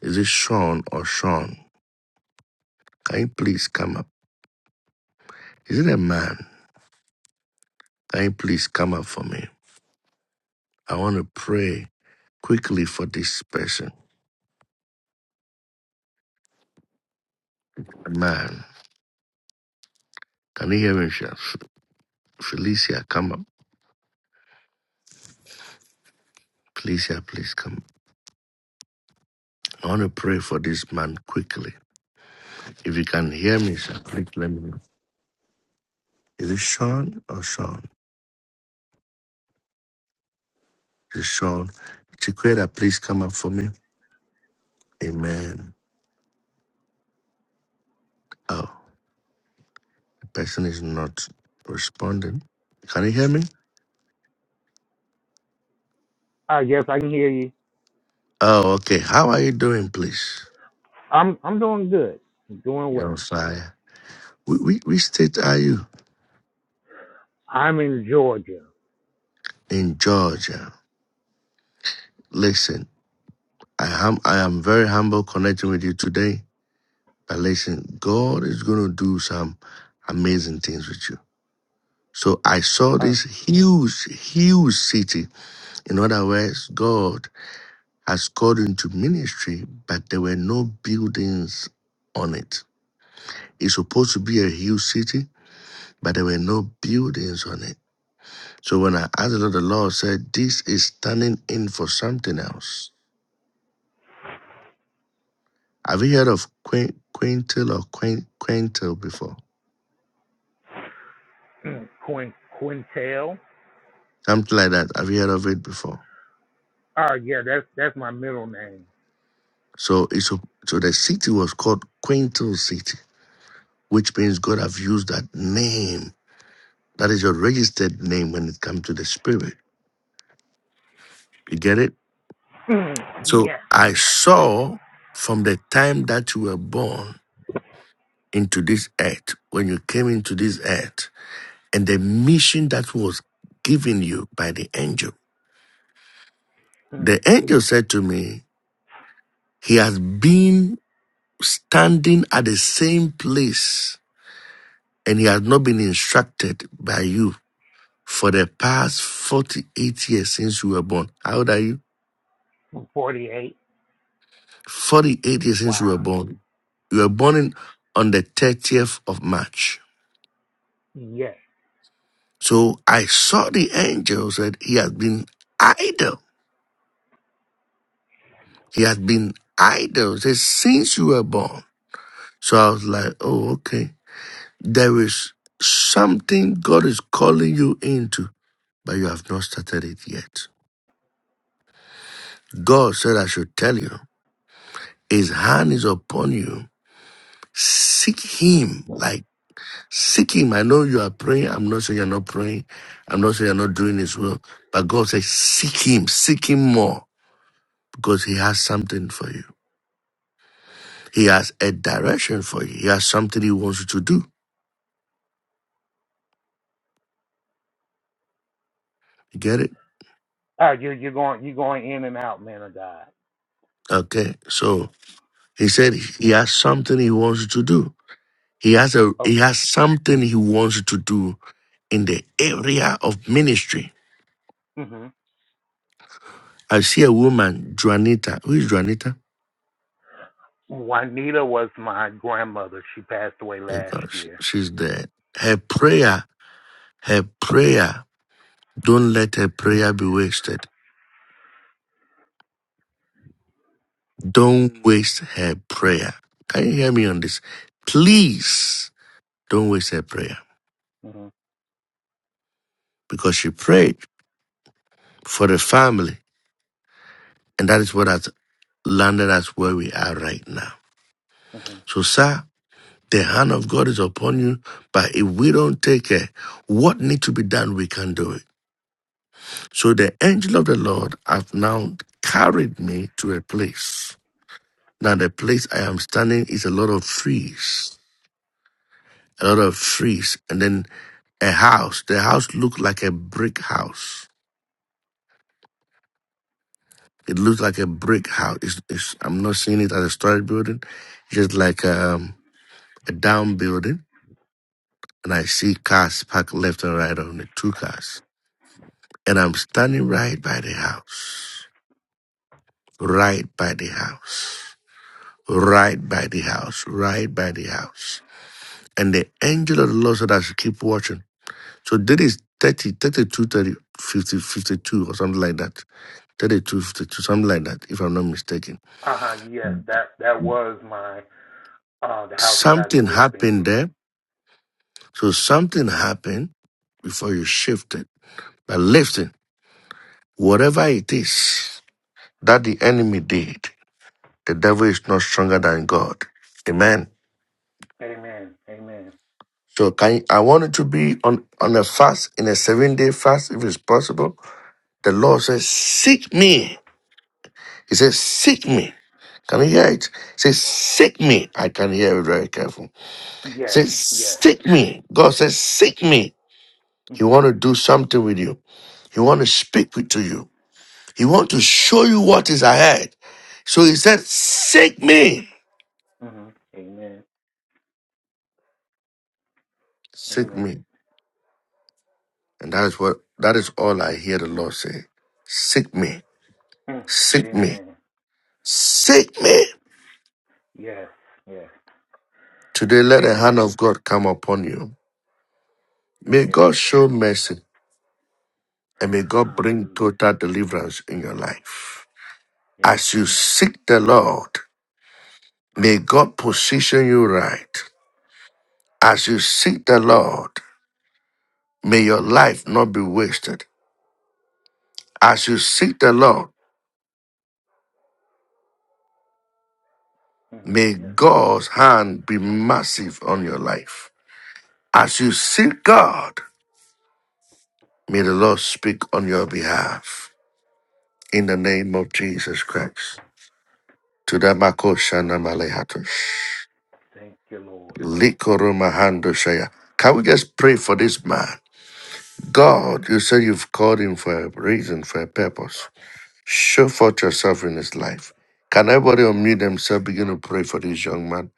[SPEAKER 9] is it Sean or Sean? Can you please come up? Is it a man? Can you please come up for me? I want to pray quickly for this person. Man, can you hear me? Sha- Felicia, come up. Felicia, please come. I want to pray for this man quickly. If you can hear me, sir, please let me know. Is it Sean or Sean? Is it Sean? Chiquera, please come up for me. Amen. Oh. Person is not responding. Can you hear me?
[SPEAKER 12] Uh, yes, I can hear you.
[SPEAKER 9] Oh, okay. How are you doing, please?
[SPEAKER 12] I'm I'm doing good. I'm doing well.
[SPEAKER 9] Josiah. We, we, we state are you
[SPEAKER 12] I'm in Georgia.
[SPEAKER 9] in Georgia? Listen, I am I am very humble connecting with you today. But listen, God is gonna do some amazing things with you. So I saw
[SPEAKER 12] Uh,
[SPEAKER 9] this huge, huge city. In other words, God has called you into ministry, but there were no buildings on it. It's supposed to be a huge city, but there were no buildings on it. So when I asked the Lord, the Lord said, This is standing in for something else. Have you heard of quin- quintil or quin- quintil before?
[SPEAKER 12] Quin Quintel.
[SPEAKER 9] Something like that. Have you heard of it before?
[SPEAKER 12] Oh yeah, that's that's my middle name.
[SPEAKER 9] So it's so the city was called Quintil City, which means God have used that name. That is your registered name when it comes to the spirit. You get it? So
[SPEAKER 12] yes.
[SPEAKER 9] I saw from the time that you were born into this earth, when you came into this earth, and the mission that was given you by the angel. The angel said to me, He has been standing at the same place and he has not been instructed by you for the past 48 years since you were born. How old are you?
[SPEAKER 12] Forty eight.
[SPEAKER 9] 48 years since you were
[SPEAKER 12] Wow.
[SPEAKER 9] born. You were born in, on the 30th of March.
[SPEAKER 12] Yes.
[SPEAKER 9] So I saw the angel said, He has been idle. He has been idle. It Says, since you were born. So I was like, oh, okay. There is something God is calling you into, but you have not started it yet. God said, I should tell you, His hand is upon you. Seek Him, like seek Him. I know you are praying. I'm not saying you're not praying. I'm not saying you're not doing His will. But God says, seek Him, seek Him more because He has something for you. He has a direction for you. He has something He wants you to do. You get it?
[SPEAKER 12] Oh, you you're going you're going in and out, man of God.
[SPEAKER 9] Okay. So He said he has something he wants to do. He has a
[SPEAKER 12] Okay.
[SPEAKER 9] he has something he wants to do in the area of ministry.
[SPEAKER 12] hmm
[SPEAKER 9] I see a woman, Juanita. Who is Juanita?
[SPEAKER 12] Juanita was my grandmother. She passed away
[SPEAKER 9] Yeah,
[SPEAKER 12] last
[SPEAKER 9] God, she-
[SPEAKER 12] year.
[SPEAKER 9] She's there. Her
[SPEAKER 12] hmm
[SPEAKER 9] prayer, her prayer. Don't let her prayer be wasted. Don't waste her prayer. Can you hear me on this? Please don't waste her prayer
[SPEAKER 12] hmm
[SPEAKER 9] because she prayed for the family, and that is what has landed us where we are right now.
[SPEAKER 12] hmm
[SPEAKER 9] So, sir, The hand of God is upon you, but if we don't take care, what needs to be done, we can do it. So the angel of the Lord have now carried me to a place. Now the place I am standing is a lot of trees, a lot of trees, and then a house. The house looked like a brick house. It looked like a brick house. It's, it's, I'm not seeing it as a storage building, it's just like um, a down building. And I see cars parked left and right on it, two cars. And I'm standing right by the house, right by the house, right by the house, right by the house. And the angel of the Lord said, I should keep watching. So that is 30, thirty-two, thirty, fifty, fifty-two or something like that. 32, 52, something like that, if I'm not mistaken.
[SPEAKER 12] Uh huh. Yes, that that was my uh the house that I
[SPEAKER 9] Something
[SPEAKER 12] grew up in.
[SPEAKER 9] happened there. So something happened before you shifted. by lifting whatever it is that the enemy did, the devil is not stronger than God. Amen.
[SPEAKER 12] Amen. Amen.
[SPEAKER 9] So can I want it to be on on a fast in a seven day fast if it's possible. The Lord says, "Seek me." He says, "Seek me." Can you hear it? He says, "Seek me." I can hear it very careful. He
[SPEAKER 12] Yes,
[SPEAKER 9] says,
[SPEAKER 12] yes.
[SPEAKER 9] "Seek me." God says, "Seek me." He
[SPEAKER 12] Mhm.
[SPEAKER 9] want to do something with you. He want to speak with to you. He want to show you what is ahead. So he said, "Seek me,
[SPEAKER 12] Mhm. Amen.
[SPEAKER 9] seek
[SPEAKER 12] Amen.
[SPEAKER 9] me," and that is what that is all I hear the Lord say. Seek me,
[SPEAKER 12] Mm,
[SPEAKER 9] seek me,
[SPEAKER 12] Amen.
[SPEAKER 9] seek me.
[SPEAKER 12] Yes. Yes.
[SPEAKER 9] Today, let the hand
[SPEAKER 12] Amen.
[SPEAKER 9] of God come upon you. May
[SPEAKER 12] Yes.
[SPEAKER 9] God show mercy and may God bring
[SPEAKER 12] Hallelujah.
[SPEAKER 9] total deliverance in your life.
[SPEAKER 12] Yes.
[SPEAKER 9] As you seek the Lord, may God position you right. As you seek the Lord, may your life not be wasted.
[SPEAKER 12] Yes.
[SPEAKER 9] As you seek the Lord,
[SPEAKER 12] Mm,
[SPEAKER 9] may
[SPEAKER 12] yes, ma'am.
[SPEAKER 9] God's hand be massive on your life. As you seek God, may the Lord speak on your behalf. In the name of Jesus Christ. To the Mako Shana Malehatos.
[SPEAKER 12] Thank you, Lord.
[SPEAKER 9] Likoromahandoshaya. Can we just pray for this man? God, you say you've called him for a reason, for a purpose. Show forth yourself in his life. Can everybody unmute themselves, begin to pray for this young man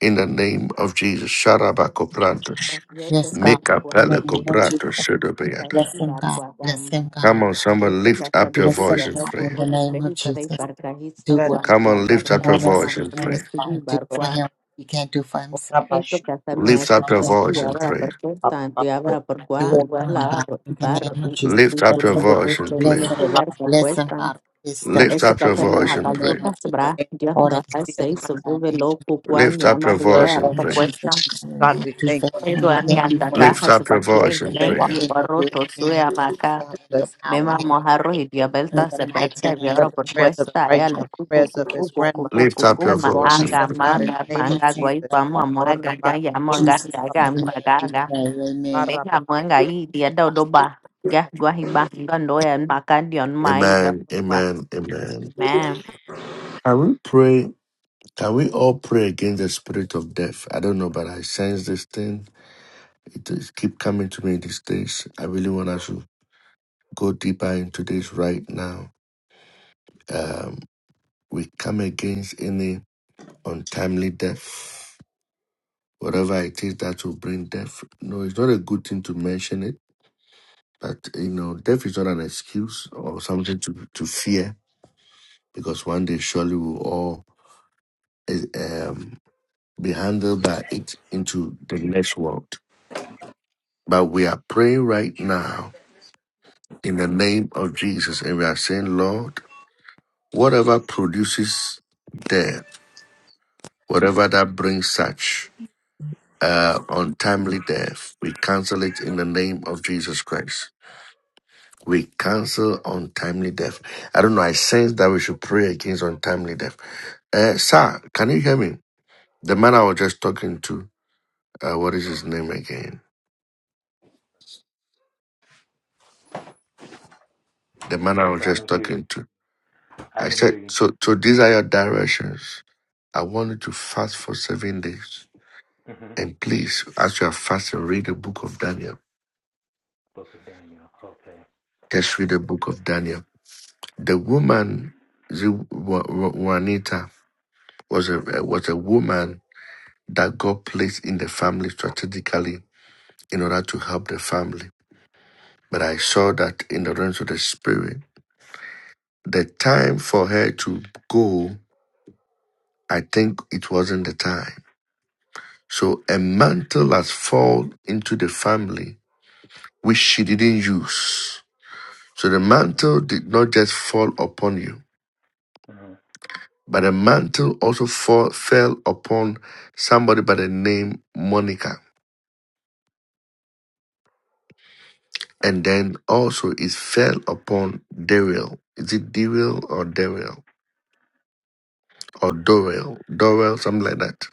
[SPEAKER 9] in the name of Jesus? Sharabakoprantos.
[SPEAKER 3] Yo te
[SPEAKER 10] Yes, God. In the
[SPEAKER 3] felicito.
[SPEAKER 10] name of Jesus.
[SPEAKER 9] Mikapelekobratoshedobeyada.
[SPEAKER 10] Bless
[SPEAKER 3] Aquí
[SPEAKER 10] him,
[SPEAKER 3] dar
[SPEAKER 10] God. Bless
[SPEAKER 3] guardam.
[SPEAKER 10] him,
[SPEAKER 9] Come
[SPEAKER 10] God.
[SPEAKER 9] on, somebody
[SPEAKER 3] Este
[SPEAKER 9] lift
[SPEAKER 3] casa
[SPEAKER 9] up your
[SPEAKER 10] Bless him,
[SPEAKER 9] voice
[SPEAKER 3] brilla
[SPEAKER 9] and
[SPEAKER 3] para
[SPEAKER 10] God.
[SPEAKER 9] pray.
[SPEAKER 10] In the name of Jesus. Do what
[SPEAKER 9] Come on, lift
[SPEAKER 10] and
[SPEAKER 9] up your
[SPEAKER 10] what else
[SPEAKER 9] voice
[SPEAKER 10] he
[SPEAKER 9] and
[SPEAKER 10] wants,
[SPEAKER 9] pray.
[SPEAKER 10] God. Do for him. He can't do for himself.
[SPEAKER 3] es
[SPEAKER 9] Lift up your
[SPEAKER 3] perfecto y
[SPEAKER 9] voice and
[SPEAKER 3] ahora
[SPEAKER 9] pray.
[SPEAKER 10] forward.
[SPEAKER 3] por
[SPEAKER 10] Do
[SPEAKER 3] cuá
[SPEAKER 10] it now
[SPEAKER 3] huela
[SPEAKER 10] and by in the
[SPEAKER 3] barro
[SPEAKER 10] name of Jesus.
[SPEAKER 9] Lift
[SPEAKER 3] un
[SPEAKER 9] up
[SPEAKER 10] Bless
[SPEAKER 9] your
[SPEAKER 10] him.
[SPEAKER 3] curro
[SPEAKER 9] voice and
[SPEAKER 3] ocho
[SPEAKER 9] pray.
[SPEAKER 10] Bless
[SPEAKER 3] mil
[SPEAKER 10] him.
[SPEAKER 3] pegar que
[SPEAKER 10] Bless him.
[SPEAKER 3] cuestan.
[SPEAKER 10] Out of his steps.
[SPEAKER 9] Lift
[SPEAKER 3] Este
[SPEAKER 9] up
[SPEAKER 10] God,
[SPEAKER 9] your
[SPEAKER 3] casa
[SPEAKER 10] In the
[SPEAKER 3] me
[SPEAKER 9] voice
[SPEAKER 3] ha
[SPEAKER 9] and
[SPEAKER 10] mighty
[SPEAKER 3] tanto
[SPEAKER 9] pray.
[SPEAKER 10] name of Jesus.
[SPEAKER 3] casbra. Dios
[SPEAKER 10] Order
[SPEAKER 3] dos
[SPEAKER 10] his
[SPEAKER 3] a
[SPEAKER 10] steps.
[SPEAKER 3] seis
[SPEAKER 10] God.
[SPEAKER 3] sobre loco cuá
[SPEAKER 9] Lift
[SPEAKER 3] mi
[SPEAKER 9] up
[SPEAKER 3] ama
[SPEAKER 9] your
[SPEAKER 3] río
[SPEAKER 9] voice and
[SPEAKER 3] a
[SPEAKER 10] In
[SPEAKER 9] pray.
[SPEAKER 10] Jesus' in Jesus' mighty
[SPEAKER 11] God,
[SPEAKER 10] name.
[SPEAKER 11] we
[SPEAKER 10] Do
[SPEAKER 11] thank
[SPEAKER 10] for
[SPEAKER 11] you.
[SPEAKER 10] him what
[SPEAKER 3] Hizo
[SPEAKER 10] he
[SPEAKER 11] We
[SPEAKER 10] can't do for
[SPEAKER 3] tata
[SPEAKER 9] Lift
[SPEAKER 10] himself.
[SPEAKER 9] up your
[SPEAKER 3] hasipakuwe
[SPEAKER 9] voice
[SPEAKER 10] Let
[SPEAKER 9] and
[SPEAKER 10] him
[SPEAKER 9] pray.
[SPEAKER 10] walk
[SPEAKER 3] y
[SPEAKER 10] in your
[SPEAKER 3] barro
[SPEAKER 10] will and in
[SPEAKER 3] tosue
[SPEAKER 10] your
[SPEAKER 3] maka
[SPEAKER 10] power and
[SPEAKER 11] praise
[SPEAKER 10] your
[SPEAKER 11] us
[SPEAKER 10] power
[SPEAKER 3] mema
[SPEAKER 10] and in your
[SPEAKER 3] mojarro
[SPEAKER 10] might.
[SPEAKER 3] y
[SPEAKER 10] In
[SPEAKER 3] diabelta se
[SPEAKER 10] the mighty
[SPEAKER 3] verte
[SPEAKER 10] name
[SPEAKER 3] vioro
[SPEAKER 11] that the
[SPEAKER 10] of
[SPEAKER 3] por
[SPEAKER 10] Jesus.
[SPEAKER 11] prayers of the
[SPEAKER 3] cuesta
[SPEAKER 10] The
[SPEAKER 3] ella
[SPEAKER 11] righteous,
[SPEAKER 3] la
[SPEAKER 10] mighty
[SPEAKER 11] the
[SPEAKER 3] cucu
[SPEAKER 11] prayers of
[SPEAKER 3] cucu
[SPEAKER 11] his
[SPEAKER 10] name of
[SPEAKER 3] cucu
[SPEAKER 11] grandmother,
[SPEAKER 9] Lift
[SPEAKER 3] cucu
[SPEAKER 9] up your
[SPEAKER 11] has
[SPEAKER 3] guma
[SPEAKER 10] Jesus.
[SPEAKER 11] gone
[SPEAKER 9] voice
[SPEAKER 10] Jesus'
[SPEAKER 9] and
[SPEAKER 3] aga
[SPEAKER 11] forth,
[SPEAKER 9] pray.
[SPEAKER 11] God, in
[SPEAKER 10] name.
[SPEAKER 11] the
[SPEAKER 3] manga
[SPEAKER 11] name of
[SPEAKER 3] manga
[SPEAKER 10] Jesus'
[SPEAKER 3] guay
[SPEAKER 11] Jesus.
[SPEAKER 3] vamos
[SPEAKER 10] name.
[SPEAKER 3] a mojaga ya ya manga
[SPEAKER 10] Jesus'
[SPEAKER 3] gaga
[SPEAKER 10] mighty
[SPEAKER 3] manga
[SPEAKER 10] name. We
[SPEAKER 3] gaga
[SPEAKER 10] pray. Amen.
[SPEAKER 3] venga manga y dieta doba ya guay va gando en maka dion mai man
[SPEAKER 9] Amen. Amen. Amen. Can we pray? Can we all pray against the spirit of death? I don't know, but I sense this thing. It is keep coming to me these days. I really want us to go deeper into this right now. Um, we come against any untimely death, whatever it is that will bring death. No, it's not a good thing to mention it But you know, death is not an excuse or something to, to fear because one day surely we'll all eh, um, be handled by it into the next world. But we are praying right
[SPEAKER 13] Jewelry
[SPEAKER 9] now
[SPEAKER 13] that
[SPEAKER 9] in the name of Jesus and we are saying, Lord, whatever produces death, whatever that brings
[SPEAKER 13] Mr.
[SPEAKER 9] such uh, untimely death, we cancel it in the name of Jesus Christ. We cancel untimely death. I don't know. I sense that we should pray against untimely death. Uh, sir, can you hear me? The man I was just talking to, uh, what is his name again? The man I
[SPEAKER 12] Yes,
[SPEAKER 9] was
[SPEAKER 12] I can
[SPEAKER 9] just
[SPEAKER 12] hear you.
[SPEAKER 9] talking to.
[SPEAKER 12] I
[SPEAKER 9] I
[SPEAKER 12] can hear
[SPEAKER 9] said,
[SPEAKER 12] you.
[SPEAKER 9] so, so these are your directions. I want you to fast for seven days.
[SPEAKER 12] Mhm.
[SPEAKER 9] And please, as you are fasting, read the book of Daniel.
[SPEAKER 12] Book of Daniel. Okay.
[SPEAKER 9] Just read the book of Daniel. The woman, the Wa- Wa- Juanita, was a was a woman that God placed in the family strategically in order to help the family. But I saw that in the realms of the spirit. the time for her to go, I think it wasn't the time. So a mantle has fallen into the family, which she didn't use. So the
[SPEAKER 12] Mhm.
[SPEAKER 9] mantle did not just fall upon you,
[SPEAKER 12] Mhm.
[SPEAKER 9] but the mantle also fall, fell upon somebody by the name Monica. And then also it fell upon Daryl. Is it Daryl or Daryl? Or Dorel? Dorel, something like that.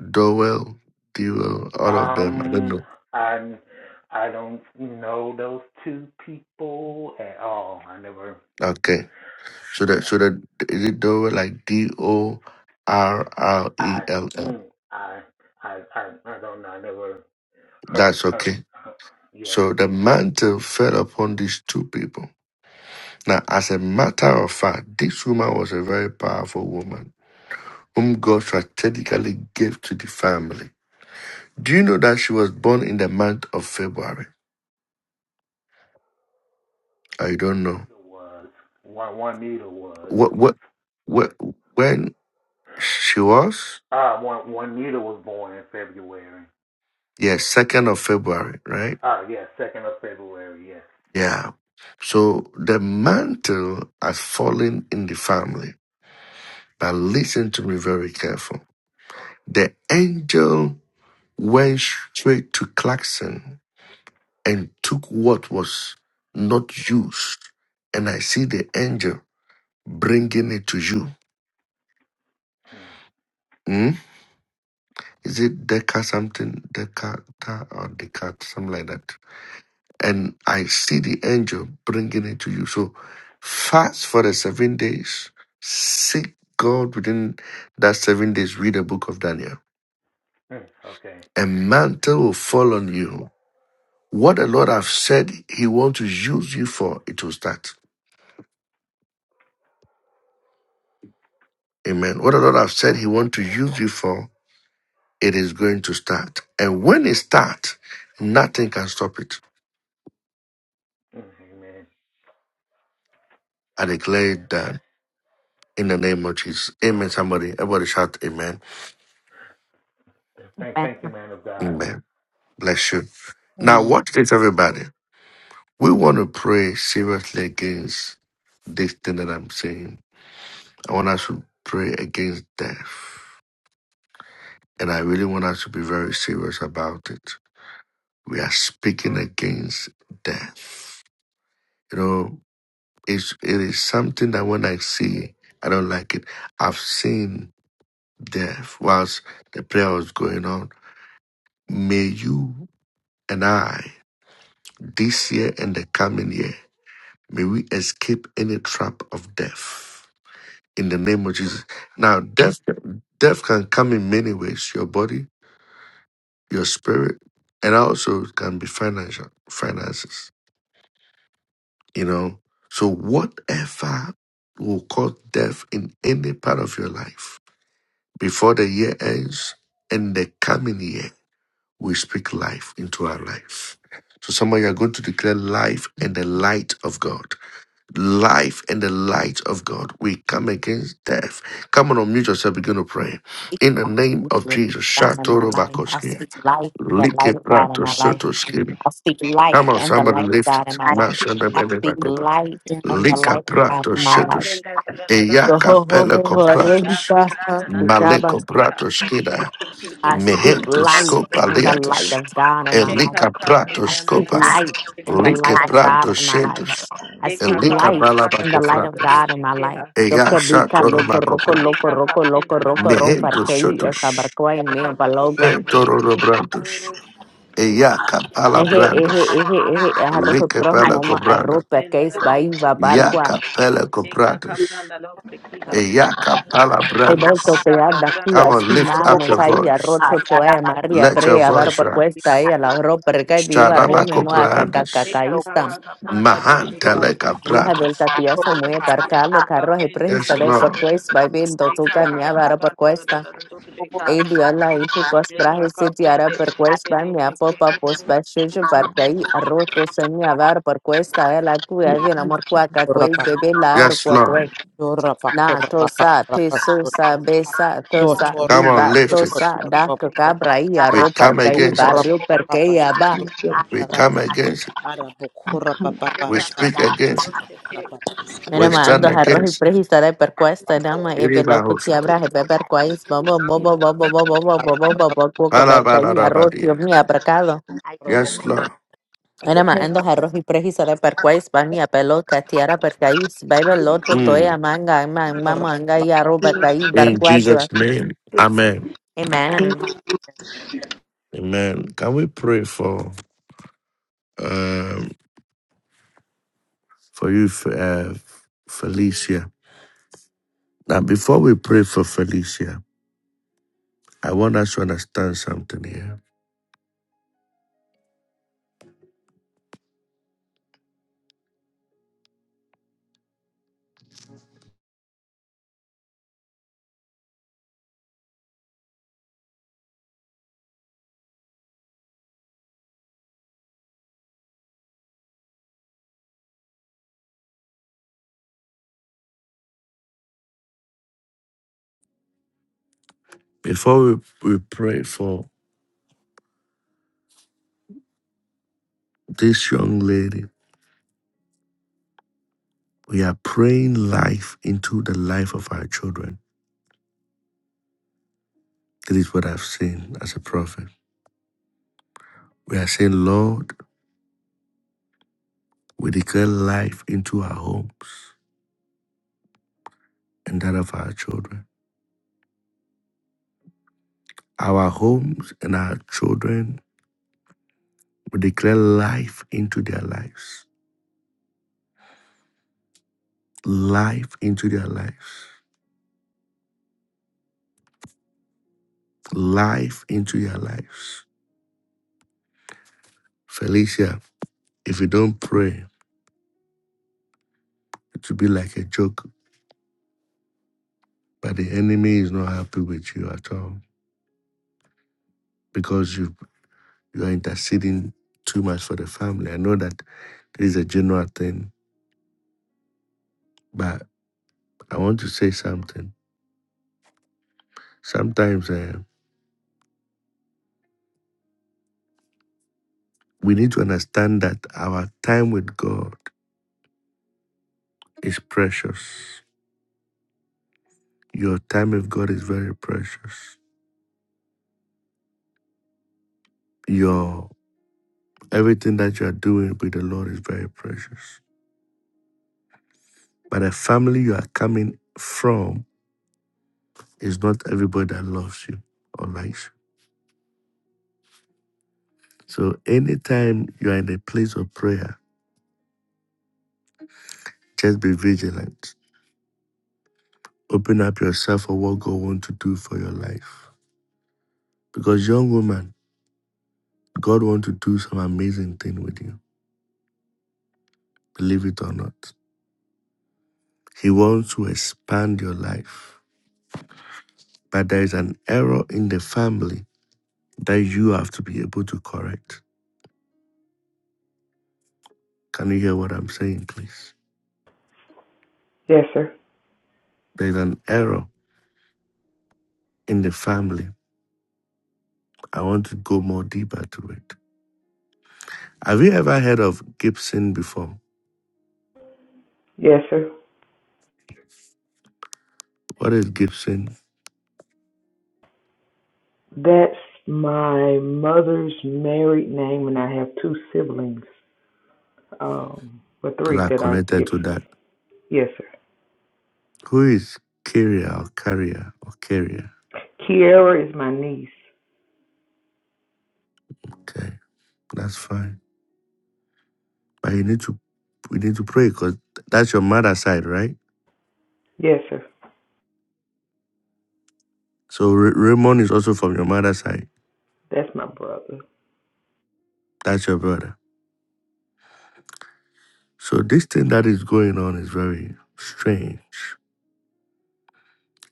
[SPEAKER 9] Dorel, Daryl, all of them. I don't
[SPEAKER 12] Um,
[SPEAKER 9] know.
[SPEAKER 12] I I don't know those two people at all. I never.
[SPEAKER 9] Okay. Should I
[SPEAKER 12] Yeah.
[SPEAKER 9] should I is it Dora like D O R R E
[SPEAKER 12] I.
[SPEAKER 9] L L?
[SPEAKER 12] Mm, I. I. I. I don't know. I never. her
[SPEAKER 9] That's
[SPEAKER 12] her,
[SPEAKER 9] okay.
[SPEAKER 12] her yeah
[SPEAKER 9] So the mantle fell upon these two people. Now, as a matter of fact, this woman was a very powerful woman whom God strategically gave to the family. Do you know that she was born in the month of February? I don't know.
[SPEAKER 12] Juanita was One one Juanita was
[SPEAKER 9] What what what when she was?
[SPEAKER 12] ah uh, one. One Juanita was born in February
[SPEAKER 9] Yes, second of February, right?
[SPEAKER 12] ah uh, yeah second of February yes
[SPEAKER 9] Yeah. So the mantle has fallen in the family. But listen to me very careful. The angel went straight to Clarkson and took what was not used. And I see the angel bringing it to you.
[SPEAKER 12] mm.
[SPEAKER 9] Hmm? Is it Deca something? Deca or Deca, something like that? and I see the angel bringing it to you. So fast for the seven days, seek God within that seven days, read the book of Daniel.
[SPEAKER 12] Mm. okay
[SPEAKER 9] A mantle will fall on you. What the Lord have said He wants to use you for, it will start. Amen. What the Lord have said He wants to use you for, it is going to start. And when it starts, nothing can stop it.
[SPEAKER 12] mm. amen
[SPEAKER 9] I declare
[SPEAKER 12] amen
[SPEAKER 9] it done in the name of Jesus. Amen. Somebody, everybody shout Amen.
[SPEAKER 12] thank
[SPEAKER 3] man
[SPEAKER 12] thank you man of God
[SPEAKER 9] Amen. Bless you. Now,
[SPEAKER 10] Amen.
[SPEAKER 9] watch this, everybody. We want to pray seriously against this thing that I'm saying. I want us to pray against death. And I really want us to be very serious about it. We are speaking against death. You know, it's, it is something that when I see, I don't like it. I've seen death whilst the prayer was going on. May you and I, this year and the coming year, May we escape any trap of death in the name of Jesus. Now, death, death can come in many ways your body, your spirit, and also it can be financial, finances, you know. So, whatever will cause death in any part of your life before the year ends and the coming year, we speak life into our life. So, somebody, you are going to declare life and the light of God. life and the light of God. We come against death. Come on, unmute yourself, begin to pray.
[SPEAKER 3] speak
[SPEAKER 9] In the
[SPEAKER 3] life
[SPEAKER 9] name of
[SPEAKER 3] into
[SPEAKER 9] Jesus.
[SPEAKER 3] God in my
[SPEAKER 9] Shatoro
[SPEAKER 3] life I
[SPEAKER 9] Bakoskia.
[SPEAKER 3] speak life the life
[SPEAKER 9] Like
[SPEAKER 3] of God in
[SPEAKER 9] Prato
[SPEAKER 3] my life
[SPEAKER 9] Sotoskia.
[SPEAKER 3] I speak life
[SPEAKER 9] Come on,
[SPEAKER 3] and the
[SPEAKER 9] somebody
[SPEAKER 3] light of
[SPEAKER 9] lift
[SPEAKER 3] God in
[SPEAKER 9] it.
[SPEAKER 3] my
[SPEAKER 10] Bye.
[SPEAKER 3] life.
[SPEAKER 9] Mashanda
[SPEAKER 3] I
[SPEAKER 9] Bene
[SPEAKER 3] speak
[SPEAKER 9] Bakopa.
[SPEAKER 3] life
[SPEAKER 10] Bye.
[SPEAKER 3] and the
[SPEAKER 9] Lika
[SPEAKER 3] light of God
[SPEAKER 9] Prato
[SPEAKER 3] in my
[SPEAKER 10] Bye.
[SPEAKER 3] life.
[SPEAKER 9] Sotos.
[SPEAKER 3] Yo,
[SPEAKER 9] Eyaka
[SPEAKER 3] ho, ho, ho, ho,
[SPEAKER 9] Peleko
[SPEAKER 3] really
[SPEAKER 9] Pratos.
[SPEAKER 3] fast, huh? Gaba.
[SPEAKER 9] Maleko Pratos
[SPEAKER 3] I speak life
[SPEAKER 9] Mehentoskopa
[SPEAKER 3] and the light
[SPEAKER 9] leatus,
[SPEAKER 3] of God in my life.
[SPEAKER 9] elica
[SPEAKER 3] I speak
[SPEAKER 9] pratoscopa,
[SPEAKER 10] Bye.
[SPEAKER 3] light and the
[SPEAKER 9] lique
[SPEAKER 10] Bye.
[SPEAKER 3] light of God in my life.
[SPEAKER 9] pratoscentus,
[SPEAKER 3] I speak
[SPEAKER 9] elica
[SPEAKER 3] life and the light of
[SPEAKER 9] balabacopratus,
[SPEAKER 3] God in my life. Lo
[SPEAKER 9] ea
[SPEAKER 3] que loco, roco,
[SPEAKER 9] shatoromacoprata,
[SPEAKER 3] loco, roco, loco, roco, roco, parquei, esa
[SPEAKER 9] mehentoscotus,
[SPEAKER 3] barcoa y mío, palogua.
[SPEAKER 9] shentorobrantus, ea
[SPEAKER 3] Eje,
[SPEAKER 9] capalabrantus,
[SPEAKER 3] eje, eje, eje, arroz
[SPEAKER 9] lique
[SPEAKER 3] prójimo, ma, arroz,
[SPEAKER 9] palacobranda,
[SPEAKER 3] perqueis, baí,
[SPEAKER 9] ea capelacopratus, ea
[SPEAKER 3] Ei, volto
[SPEAKER 9] capalabrantus.
[SPEAKER 3] che anda qui
[SPEAKER 9] Come
[SPEAKER 3] a
[SPEAKER 9] on, lift up
[SPEAKER 3] Simamo,
[SPEAKER 9] your
[SPEAKER 3] sai, a
[SPEAKER 9] voice.
[SPEAKER 3] Rosso,
[SPEAKER 4] some
[SPEAKER 3] Toè, Maria,
[SPEAKER 9] Let
[SPEAKER 4] night
[SPEAKER 9] your
[SPEAKER 4] in
[SPEAKER 3] Pre,
[SPEAKER 4] the
[SPEAKER 3] a ver
[SPEAKER 4] mighty
[SPEAKER 9] voice
[SPEAKER 3] por
[SPEAKER 9] rise.
[SPEAKER 3] questa, e alla
[SPEAKER 4] Yea,
[SPEAKER 3] roba, perché
[SPEAKER 4] then they did
[SPEAKER 3] viva, rio, mi
[SPEAKER 4] shake.
[SPEAKER 3] muoia,
[SPEAKER 9] Sharabacopranus.
[SPEAKER 4] They
[SPEAKER 3] cacacacaista.
[SPEAKER 4] pranda do shika.
[SPEAKER 9] Mahanteleka
[SPEAKER 3] No è
[SPEAKER 9] Prata.
[SPEAKER 3] volta ti essa muoia per
[SPEAKER 4] They
[SPEAKER 3] Carlo,
[SPEAKER 4] ka
[SPEAKER 3] Carlo, e presi
[SPEAKER 4] de
[SPEAKER 9] Yes,
[SPEAKER 3] saber por
[SPEAKER 4] shika.
[SPEAKER 9] Lord.
[SPEAKER 3] questa, vai vendo,
[SPEAKER 4] They
[SPEAKER 3] tu camminava, era por
[SPEAKER 4] pranda do
[SPEAKER 3] questa.
[SPEAKER 4] shika.
[SPEAKER 3] E duella, e tu cos
[SPEAKER 4] They ka
[SPEAKER 3] brahe, se ti era
[SPEAKER 4] de
[SPEAKER 3] per questa, vai mia
[SPEAKER 4] shika.
[SPEAKER 3] popa, pos baccio, perché i a Rosso, se mi avar per questa, e la tua, e viene amor qua, cacuei, bebe, la,
[SPEAKER 9] Yes,
[SPEAKER 3] arqua,
[SPEAKER 9] Lord.
[SPEAKER 3] Na tosa te sosa besa tosa
[SPEAKER 9] Come on,
[SPEAKER 3] viva
[SPEAKER 9] lift it.
[SPEAKER 3] tosa
[SPEAKER 4] They
[SPEAKER 3] da cabra y
[SPEAKER 9] We
[SPEAKER 3] arro
[SPEAKER 9] come
[SPEAKER 3] parca y
[SPEAKER 9] against it.
[SPEAKER 11] Barabokora
[SPEAKER 3] barrio
[SPEAKER 11] papa
[SPEAKER 3] perque
[SPEAKER 11] papa
[SPEAKER 3] y aba.
[SPEAKER 2] Thank you.
[SPEAKER 9] We
[SPEAKER 11] shotara
[SPEAKER 9] come against it.
[SPEAKER 11] barabokora papa
[SPEAKER 9] We
[SPEAKER 11] para para
[SPEAKER 9] speak
[SPEAKER 4] pranda
[SPEAKER 9] against
[SPEAKER 4] do
[SPEAKER 9] it.
[SPEAKER 4] shika.
[SPEAKER 11] barabokora
[SPEAKER 3] Mira
[SPEAKER 9] We stand
[SPEAKER 3] mandando arroz y
[SPEAKER 9] against it.
[SPEAKER 3] pregistar y percuesta
[SPEAKER 11] papa.
[SPEAKER 3] nama y pelo cuti
[SPEAKER 9] Iribahusaka.
[SPEAKER 3] abra y beber cuais
[SPEAKER 4] They
[SPEAKER 3] bobo bobo
[SPEAKER 4] pranda
[SPEAKER 3] bobo
[SPEAKER 4] do
[SPEAKER 3] bobo bobo
[SPEAKER 4] shika.
[SPEAKER 3] bobo bobo coberta y arroz tío
[SPEAKER 9] Parabarabarabadia.
[SPEAKER 3] mi abracado.
[SPEAKER 9] Yes, Lord.
[SPEAKER 3] Mira
[SPEAKER 11] parapokora
[SPEAKER 3] mandando arroz y pregistar y percuais pa mi apelo catiara percaís bebe loto toya
[SPEAKER 9] Mm.
[SPEAKER 3] manga manga manga y
[SPEAKER 11] papa.
[SPEAKER 3] arro percaí
[SPEAKER 9] In
[SPEAKER 3] barcuazo.
[SPEAKER 9] Jesus' name. Amen.
[SPEAKER 3] Amen.
[SPEAKER 9] Amen. Can we pray for um for you uh, Felicia? Now before we pray for Felicia, I want us to understand something here. Before we, we pray for This young lady, we are praying life into the life of our children. That is what I've seen as a prophet. We are saying, Lord, we declare life into our homes and that of our children. Our homes and our children, we declare life into their lives. Life into their lives. Life into their lives. Felicia, if you don't pray, it will be like a joke, but the enemy is not happy with you at all because you You are interceding too much for the family. I know that this is a general thing, but I want to say something. Sometimes eh, we need to understand that our time with God is precious. Your time with God is very precious. Your everything that you are doing with the Lord is very precious. But the family you are coming from is not everybody that loves you or likes you. So anytime you are in a place of prayer, just be vigilant Open up yourself for what God wants to do for your life. Because young woman, God wants to do some amazing thing with you. Believe it or not. He wants to expand your life. But there is an error in the family that you have to be able to correct. Can you hear what I'm saying, please?
[SPEAKER 14] Yes, sir.
[SPEAKER 9] There's an error in the family. I want to go more deeper to it. Have you ever heard of Gibson before?
[SPEAKER 14] Yes, sir.
[SPEAKER 9] What is Gibson
[SPEAKER 14] That's my mother's married name, and I have two siblings, um, but
[SPEAKER 9] that
[SPEAKER 14] three
[SPEAKER 9] are
[SPEAKER 14] that are
[SPEAKER 9] connected to
[SPEAKER 14] Gibsons.
[SPEAKER 9] that?
[SPEAKER 14] Yes, sir.
[SPEAKER 9] Who is Kyria or Carrier or Carrier?
[SPEAKER 14] Kiara is my niece.
[SPEAKER 9] Okay, that's fine. But you need to we need to pray because that's your mother's side, right?
[SPEAKER 14] Yes, sir.
[SPEAKER 9] So Ra- Raymond is also from your mother's side.
[SPEAKER 14] That's my brother.
[SPEAKER 9] That's your brother. So this thing that is going on is very strange,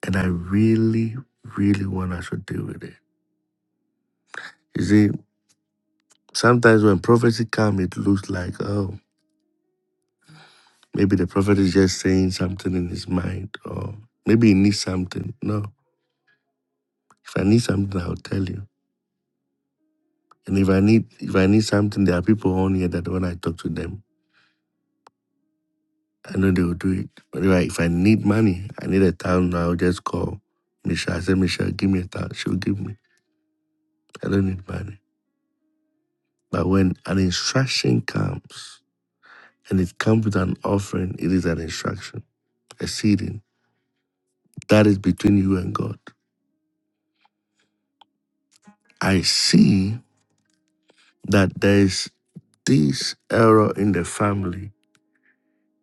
[SPEAKER 9] and I really, really want us to deal with it. You see, sometimes when prophecy comes, it looks like oh maybe the prophet is just saying something in his mind, or maybe he needs something. No, if I need something, I'll tell you. And if I need if I need something, there are people on here that when I talk to them. I know they will do it. But anyway, if I need money, I need a thousand, I'll just call Michelle. I say, Michelle, give me a thousand. She'll give me. I don't need money. But when an instruction comes and it comes with an offering, it is an instruction, a seeding. That is between you and God. I see that there is this error in the family.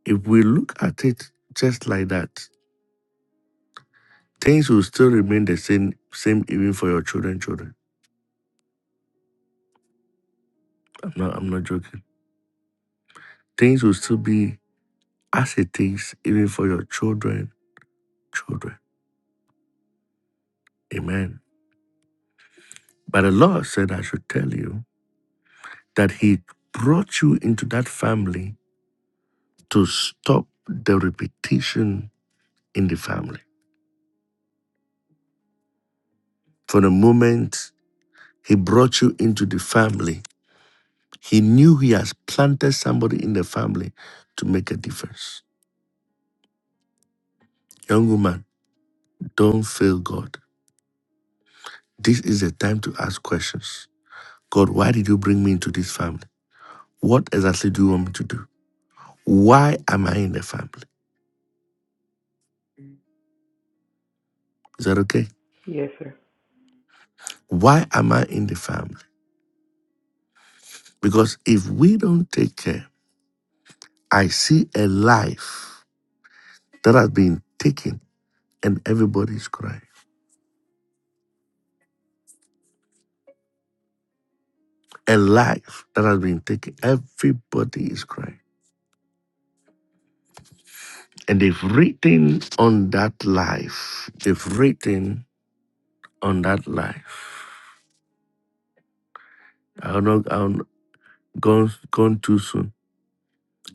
[SPEAKER 9] If we look at it just like that, things will still remain the same, same even for your children, children. I'm not, I'm not joking. Things will still be As it is, even for your children, children. Amen. But the Lord said, I should tell you that He brought you into that family to stop the repetition in the family. For the moment He brought you into the family, He knew He has planted somebody in the family to make a difference. Young woman, don't fail God. This is the time to ask questions. God, why did you bring me into this family? What exactly do you want me to do? Why am I in the family? Is that okay?
[SPEAKER 14] Yes, sir.
[SPEAKER 9] Why am I in the family? Because if we don't take care, I see a life that has been taken and everybody is crying. A life that has been taken, everybody is crying. And they've written on that life, they've written on that life. I'll not, I'll not- gone, gone too soon.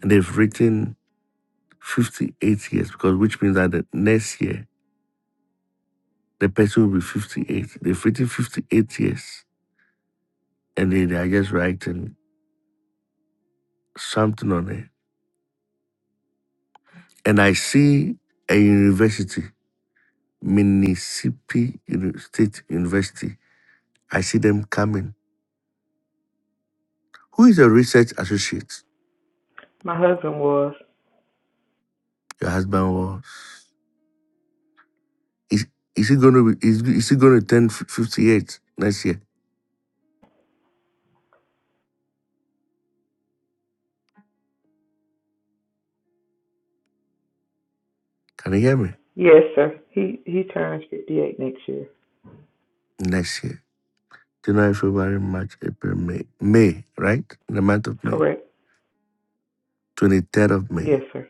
[SPEAKER 9] And they've written 58 years because which means that the next year the person will be 58. They've written 58 years and then they are just writing something on it. And I see a university, Mississippi Uni- State University. I see them coming. Who is a research associate?
[SPEAKER 14] My husband was.
[SPEAKER 9] Your husband was. Is, is he going to be, is, is he going to turn f- 58 next year? Can you hear me?
[SPEAKER 14] Yes, sir. He he turns 58 next year.
[SPEAKER 9] Next year. January, February, March, April, May. May, right? In the month of May.
[SPEAKER 14] Correct.
[SPEAKER 9] 23rd of May.
[SPEAKER 14] Yes, sir.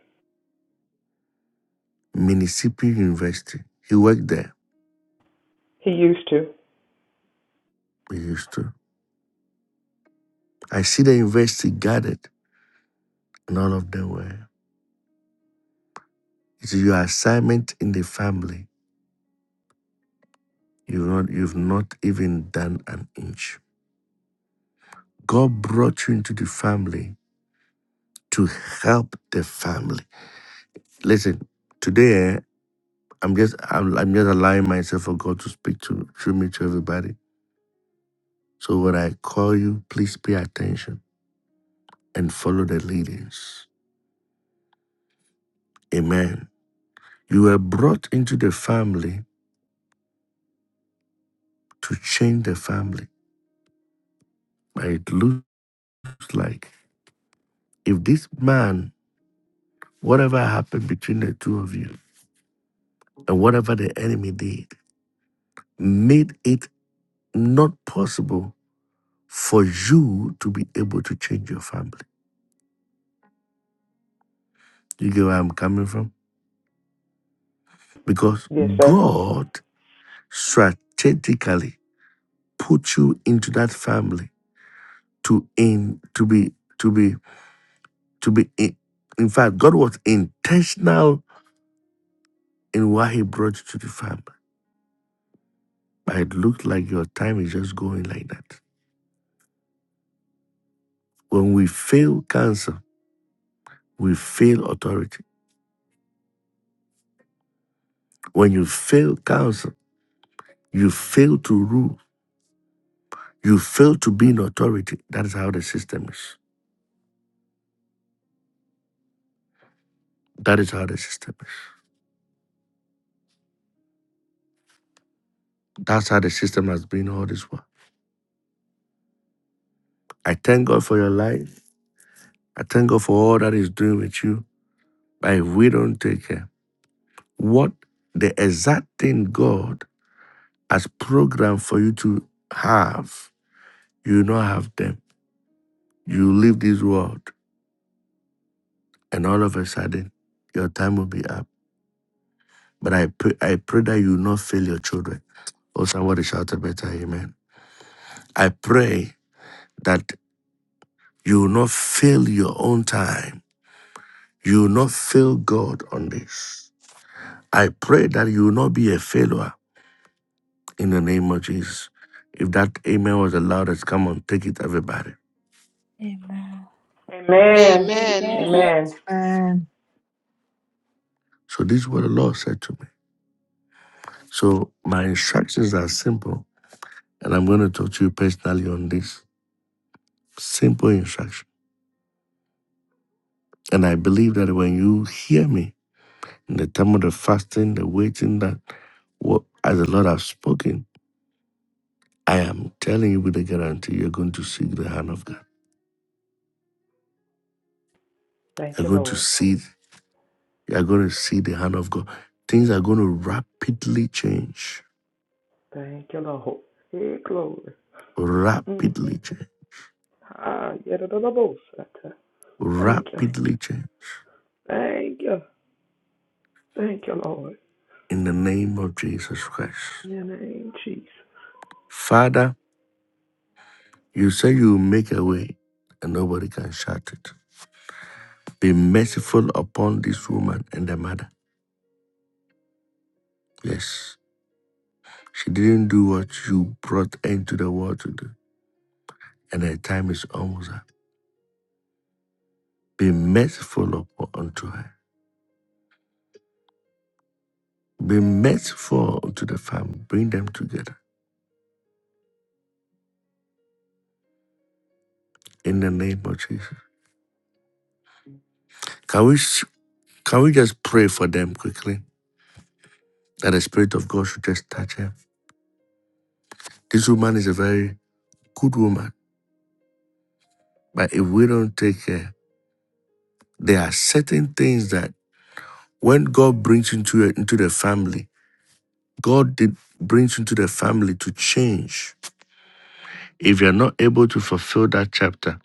[SPEAKER 9] Mississippi University. He worked there.
[SPEAKER 14] He used to.
[SPEAKER 9] We used to. I see the university gathered, and all of them were. It's your assignment in the family. You've not, you've not even done an inch. God brought you into the family to help the family. Listen, today eh, I'm just I'm, I'm just allowing myself for God to speak to through me to everybody. So when I call you, please pay attention and follow the leadings. Amen. You were brought into the family to change the family. By Luke. It's like, if this man, whatever happened between the two of you and whatever the enemy did, made it not possible for you to be able to change your family. You get where I'm coming from? Because
[SPEAKER 14] Yes, sir.
[SPEAKER 9] God strategically put you into that family to in to be to be to be in, in fact God was intentional in why he brought you to the family. But it looked like your time is just going like that. When we fail counsel, we fail authority. When you fail counsel, you fail to rule. You fail to be in authority. That is how the system is. That is how the system is. That's how the system has been all this while. I thank God for your life. I thank God for all that He's doing with you. But if we don't take care, what the exact thing God has programmed for you to have, you will not have them. You leave this world, and all of a sudden, your time will be up But I pray, I pray that you will not fail your children. Oh, somebody shout a better amen. I pray that you will not fail your own time. You will not fail God on this. I pray that you will not be a failure in the name of Jesus. If that amen was the loudest, come on, take it, everybody.
[SPEAKER 7] Amen.
[SPEAKER 14] Amen.
[SPEAKER 5] Amen.
[SPEAKER 14] Amen.
[SPEAKER 15] Amen.
[SPEAKER 9] So this is what the Lord said to me. So my instructions are simple, and I'm going to talk to you personally on this simple instruction. And I believe that when you hear me, In the time of the fasting, the waiting that what as the Lord have spoken, I am telling you with a guarantee you're going to see the hand of God.
[SPEAKER 14] Thank
[SPEAKER 9] You're
[SPEAKER 14] you,
[SPEAKER 9] going to
[SPEAKER 14] Lord.
[SPEAKER 9] see you're going to see the hand of God. Things are going to rapidly change.
[SPEAKER 14] Thank you, Lord. Hey, glory. Mm.
[SPEAKER 9] Rapidly change.
[SPEAKER 14] Ah, yeah, the Lord said Thank you.
[SPEAKER 9] Rapidly change.
[SPEAKER 14] Thank you. Thank you, Lord.
[SPEAKER 9] In the name of Jesus Christ.
[SPEAKER 14] In your name, Jesus.
[SPEAKER 9] Father, you say you will make a way and nobody can shut it. Be merciful upon this woman and the mother. Yes. She didn't do what you brought into the world to do, and her time is almost up. Be merciful up- unto her. Be merciful unto the family. Bring them together in the name of Jesus. Can we can we just pray for them quickly? That the Spirit of God should just touch her. This woman is a very good woman, but if we don't take care, there are certain things that when God brings into into the family, God did brings into the family to change If you're not able to fulfill that chapter,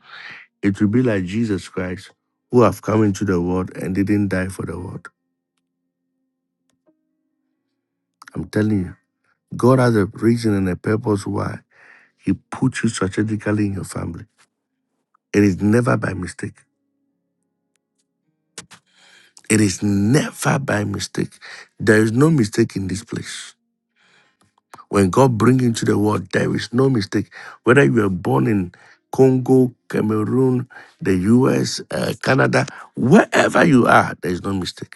[SPEAKER 9] it will be like Jesus Christ who have come into the world and didn't die for the world. I'm telling you, God has a reason and a purpose why He put you strategically in your family. It is never by mistake. It is never by mistake. There is no mistake in this place. When God brings you into the world, there is no mistake. Whether you are born in Congo, Cameroon, the US, uh, Canada, wherever you are, there is no mistake.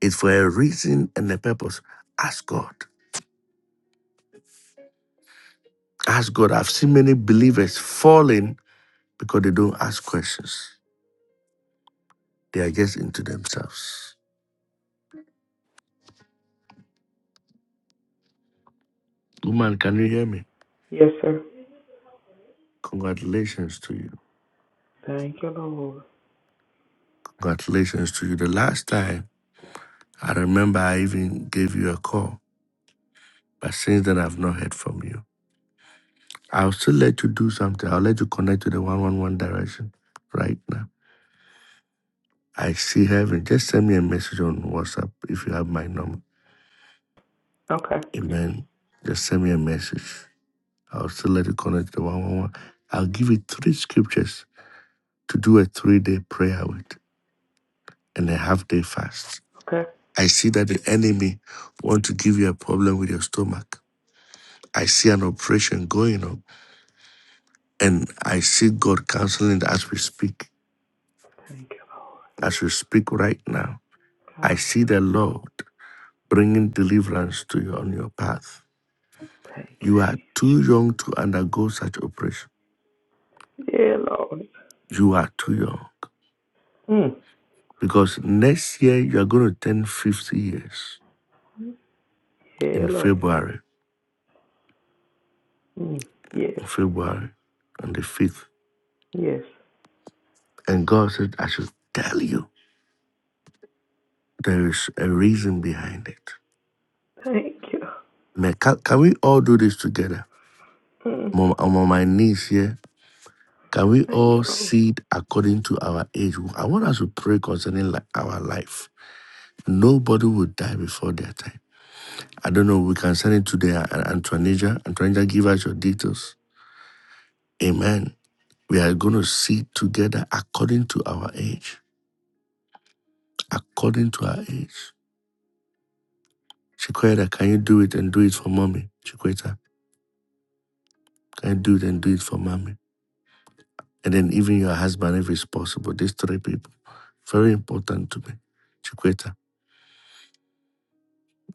[SPEAKER 9] It's for a reason and a purpose. Ask God. Ask God. I've seen many believers falling because they don't ask questions. They are just into themselves. Woman, can you hear me?
[SPEAKER 14] Yes, sir.
[SPEAKER 9] Congratulations to you.
[SPEAKER 14] Thank you, Lord.
[SPEAKER 9] Congratulations to you. The last time I remember I even gave you a call, but since then I've not heard from you. I'll still let you do something. I'll let you connect to the 111 direction right now. I see heaven. Just send me a message on WhatsApp if you have my number.
[SPEAKER 14] Okay.
[SPEAKER 9] Amen. Just send me a message. I'll still let it connect to one one one. I'll give you three scriptures to do a three day prayer with and a half day fast.
[SPEAKER 14] Okay.
[SPEAKER 9] I see that the enemy wants to give you a problem with your stomach. I see an operation going on, and I see God counseling as we speak.
[SPEAKER 14] Thank you, Lord.
[SPEAKER 9] As we speak right now, I
[SPEAKER 14] God,
[SPEAKER 9] see the Lord bringing deliverance to you on your path.
[SPEAKER 14] thank you,
[SPEAKER 9] You are
[SPEAKER 14] Jesus.
[SPEAKER 9] too young to undergo such operation.
[SPEAKER 14] Yeah, Lord.
[SPEAKER 9] You are too young
[SPEAKER 14] Mm.
[SPEAKER 9] because next year you are going to turn 50 years
[SPEAKER 14] Yeah,
[SPEAKER 9] in
[SPEAKER 14] Lord.
[SPEAKER 9] February,
[SPEAKER 14] Mm. Yes.
[SPEAKER 9] in February on the 5th.
[SPEAKER 14] Yes.
[SPEAKER 9] And God said, I should tell you there is a reason behind it.
[SPEAKER 14] Thank you.
[SPEAKER 9] Man, can, can we all do this together?
[SPEAKER 14] Mm.
[SPEAKER 9] Mom, I'm on my knees here. Can we
[SPEAKER 14] Thank you,
[SPEAKER 9] all
[SPEAKER 14] Lord.
[SPEAKER 9] seed according to our age? I want us to pray concerning like our life. Nobody will die before their time. I don't know. We can send it to the uh, Antoinija. Antoinija, give us your details. Amen. We are going to seed together according to our age. According to our age. Chikweta, can you do it and do it for mommy? Chikweta, can you do it and do it for mommy? And then even your husband, if it's possible. These three people, very important to me. Chikweta,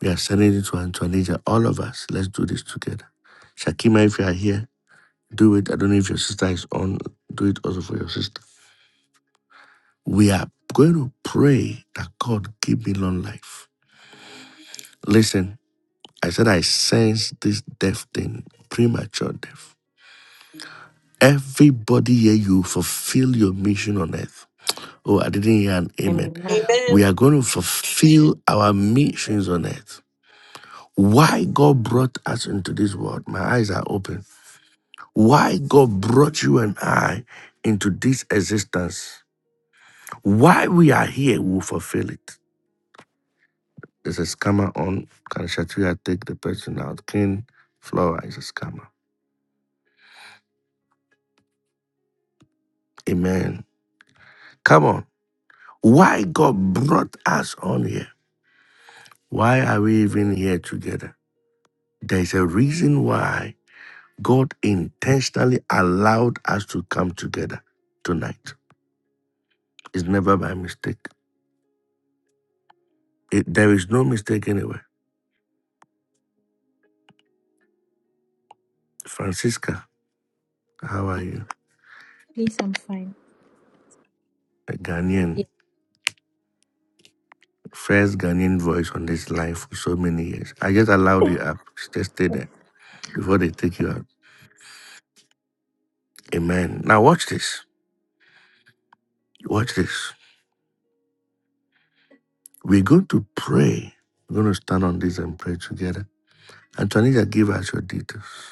[SPEAKER 9] we are sending it to Antoinita. All of us, let's do this together. Shakima, if you are here, do it. I don't know if your sister is on. Do it also for your sister. We are going to pray that God give me long life. Listen, I said I sense this death thing, premature death. Everybody here, you fulfill your mission on earth. Oh, I didn't hear an amen.
[SPEAKER 3] Amen.
[SPEAKER 6] Amen.
[SPEAKER 9] We are going to fulfill our missions on earth. Why God brought us into this world? My eyes are open. Why God brought you and I into this existence? Why we are here, we will fulfill it. There's a scammer on. Can Shatria take the person out? King Flora is a scammer. Amen. Come on. Why God brought us on here? Why are we even here together? There's a reason why God intentionally allowed us to come together tonight. It's never by mistake. It, there is no mistake anywhere. Francisca, how are you?
[SPEAKER 16] Please, I'm fine.
[SPEAKER 9] A Ghanaian, first Ghanaian voice on this line for so many years. I just allowed you up. Just stay there before they take you out. Amen. Now watch this. Watch this. We're going to pray. We're going to stand on this and pray together. Antonita, give us your details.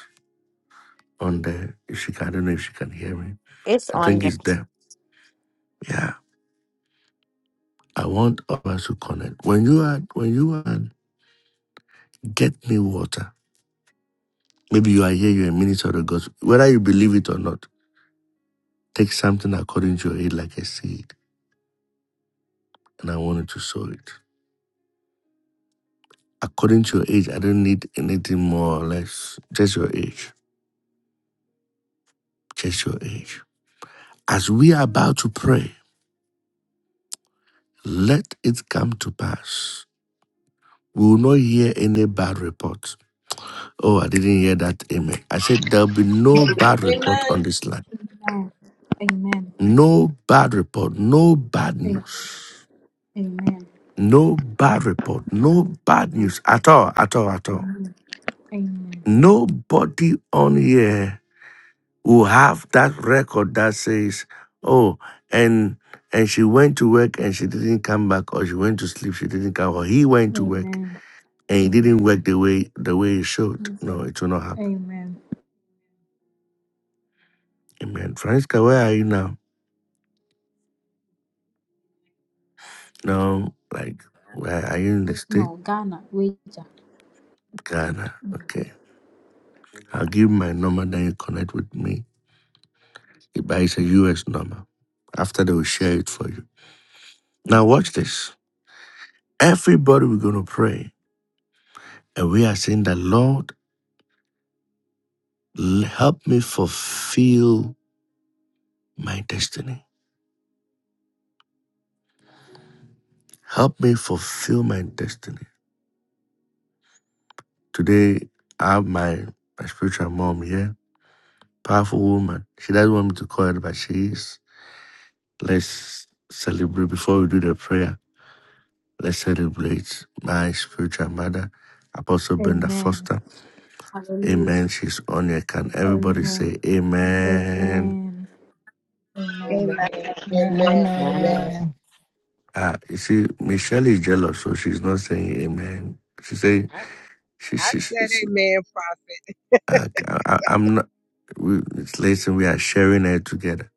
[SPEAKER 9] on there, if she can I don't know if she can hear me.
[SPEAKER 3] It's
[SPEAKER 9] I
[SPEAKER 3] on
[SPEAKER 9] think it's there. Yeah. I want us to connect. When you are when you are get me water, maybe you are here, you're a minister of the gospel. Whether you believe it or not, take something according to your age like a seed. And I wanted to sow it. According to your age, I don't need anything more or less. Just your age. Just your age. As we are about to pray, let it come to pass. We will not hear any bad reports Oh, I didn't hear that. Amen. I said there'll be no
[SPEAKER 16] Amen.
[SPEAKER 9] bad report on
[SPEAKER 6] Amen.
[SPEAKER 9] this land.
[SPEAKER 16] Amen. Amen.
[SPEAKER 9] No bad report. No bad news.
[SPEAKER 16] Amen.
[SPEAKER 9] No bad report. No bad
[SPEAKER 16] Amen.
[SPEAKER 9] news at all. At all. At all.
[SPEAKER 16] Amen. Amen.
[SPEAKER 9] Nobody on here will have that record that says, "Oh, and and she went to work and she didn't come back, or she went to sleep, she didn't come, or he went to work
[SPEAKER 16] Amen.
[SPEAKER 9] and he didn't work the way the way he should."
[SPEAKER 16] Jesus.
[SPEAKER 9] No, it will not happen.
[SPEAKER 16] Amen.
[SPEAKER 9] Amen. Francisca, where are you now? Now, like, where are you in the state?
[SPEAKER 16] No, Ghana, Wager.
[SPEAKER 9] Ghana.
[SPEAKER 16] Mm.
[SPEAKER 9] Okay. I'll give you my number, then you connect with me. It- But it's a US number. After they will share it for you. Now, watch this. Everybody, we're going to pray. And we are saying that, Lord, l- help me fulfill my destiny. Help me fulfill my destiny. Today, I have my, my spiritual mom here. Powerful woman. She doesn't want me to call her, but she is. Let's celebrate before we do the prayer. Let's celebrate my spiritual mother, Apostle Brenda
[SPEAKER 16] Amen.
[SPEAKER 9] Foster.
[SPEAKER 16] Hallelujah.
[SPEAKER 9] Amen. She's on here. Can everybody
[SPEAKER 16] Amen.
[SPEAKER 9] say amen?
[SPEAKER 16] Amen. Amen.
[SPEAKER 2] Amen.
[SPEAKER 17] Amen. Amen.
[SPEAKER 3] you.
[SPEAKER 17] Amen.
[SPEAKER 15] Amen.
[SPEAKER 9] Ah, you see, Michelle is jealous, so she's not saying amen. She say
[SPEAKER 17] I,
[SPEAKER 9] she
[SPEAKER 17] I
[SPEAKER 9] she. she-
[SPEAKER 17] said amen, Prophet.
[SPEAKER 9] I, I, I'm not. We, listen, we are sharing it together.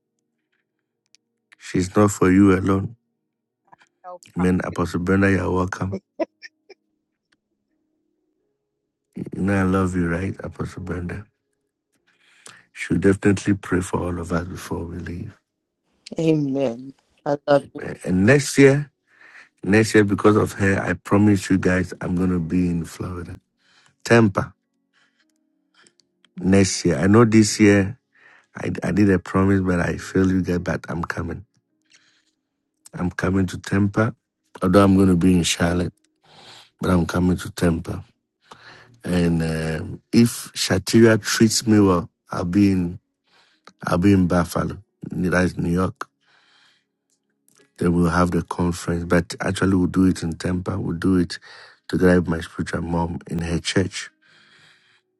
[SPEAKER 9] She's not for you alone. Amen. Apostle Brenda, you're welcome. You know I love you, right, Apostle Brenda? She'll definitely pray for all of us before we leave.
[SPEAKER 11] Amen. I love you.
[SPEAKER 9] And next year, Next year, because of her, I promise you guys I'm going to be in Florida. Tampa, next year. I know this year I, I did a promise, but I failed you guys, but I'm coming. I'm coming to Tampa, although I'm going to be in Charlotte, but I'm coming to Tampa. And um, if Shatira treats me well, I'll be in, I'll be in Buffalo. That's New York. Then we'll have the conference, but actually we'll do it in Tampa. We'll do it together with my spiritual mom in her church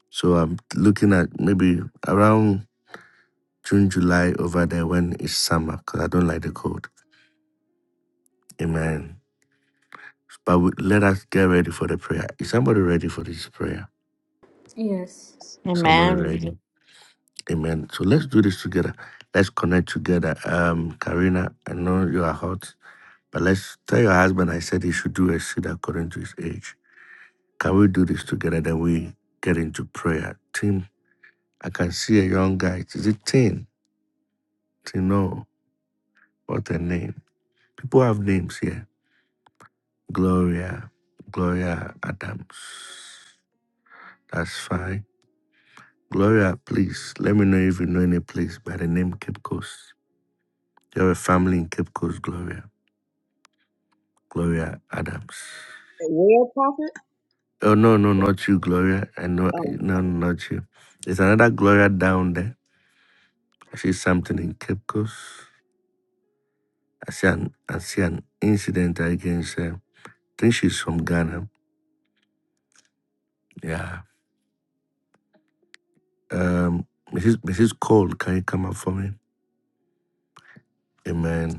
[SPEAKER 9] So I'm looking at maybe around June, July over there when it's summer because I don't like the cold. Amen. But we, let us get ready for the prayer. Is somebody ready for this prayer?
[SPEAKER 16] Yes.
[SPEAKER 9] Somebody
[SPEAKER 3] Amen.
[SPEAKER 9] ready? Amen. So let's do this together. Let's connect together. Um, Karina, I know you are hot, but let's tell your husband I said he should do a seed according to his age. Can we do this together? Then we get into prayer. Tim, I can see a young guy. Is it Tim? Tim, no. What a name. People have names here. Gloria, Gloria Adams. That's fine. Gloria, please let me know if you know any place by the name Cape Coast. You're a family in Cape Coast, Gloria. Gloria Adams.
[SPEAKER 18] Real profit.
[SPEAKER 9] Oh no, no, not you, Gloria. I know,
[SPEAKER 18] Oh,
[SPEAKER 9] no, no, not you. There's another Gloria down there. I see something in Cape Coast. I see an, I see an incident against her. I think she's from Ghana. Yeah. Um, Mrs. Mrs. Cole, can you come up for me? Amen.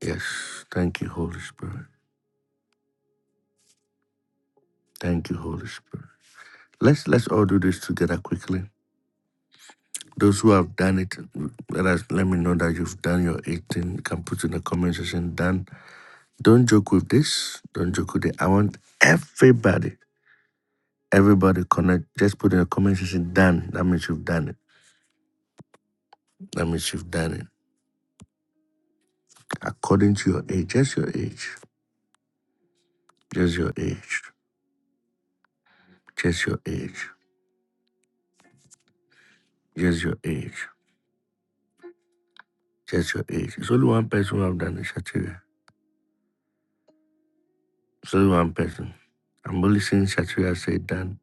[SPEAKER 9] Yes. Thank you, Holy Spirit. Thank you, Holy Spirit. Let's let's all do this together quickly. Those who have done it, let us let me know that you've done your 18. You can put in the comment section done. Don't joke with this. Don't joke with it. I want everybody, everybody connect. Just put in the comment section done. That means you've done it. That means you've done it. According to your age, just your age. Just your age. Just your age. Just your age. Just your age. It's only one person who have done it, Shatira. It's only one person. I'm only seeing Shatria say, Dan,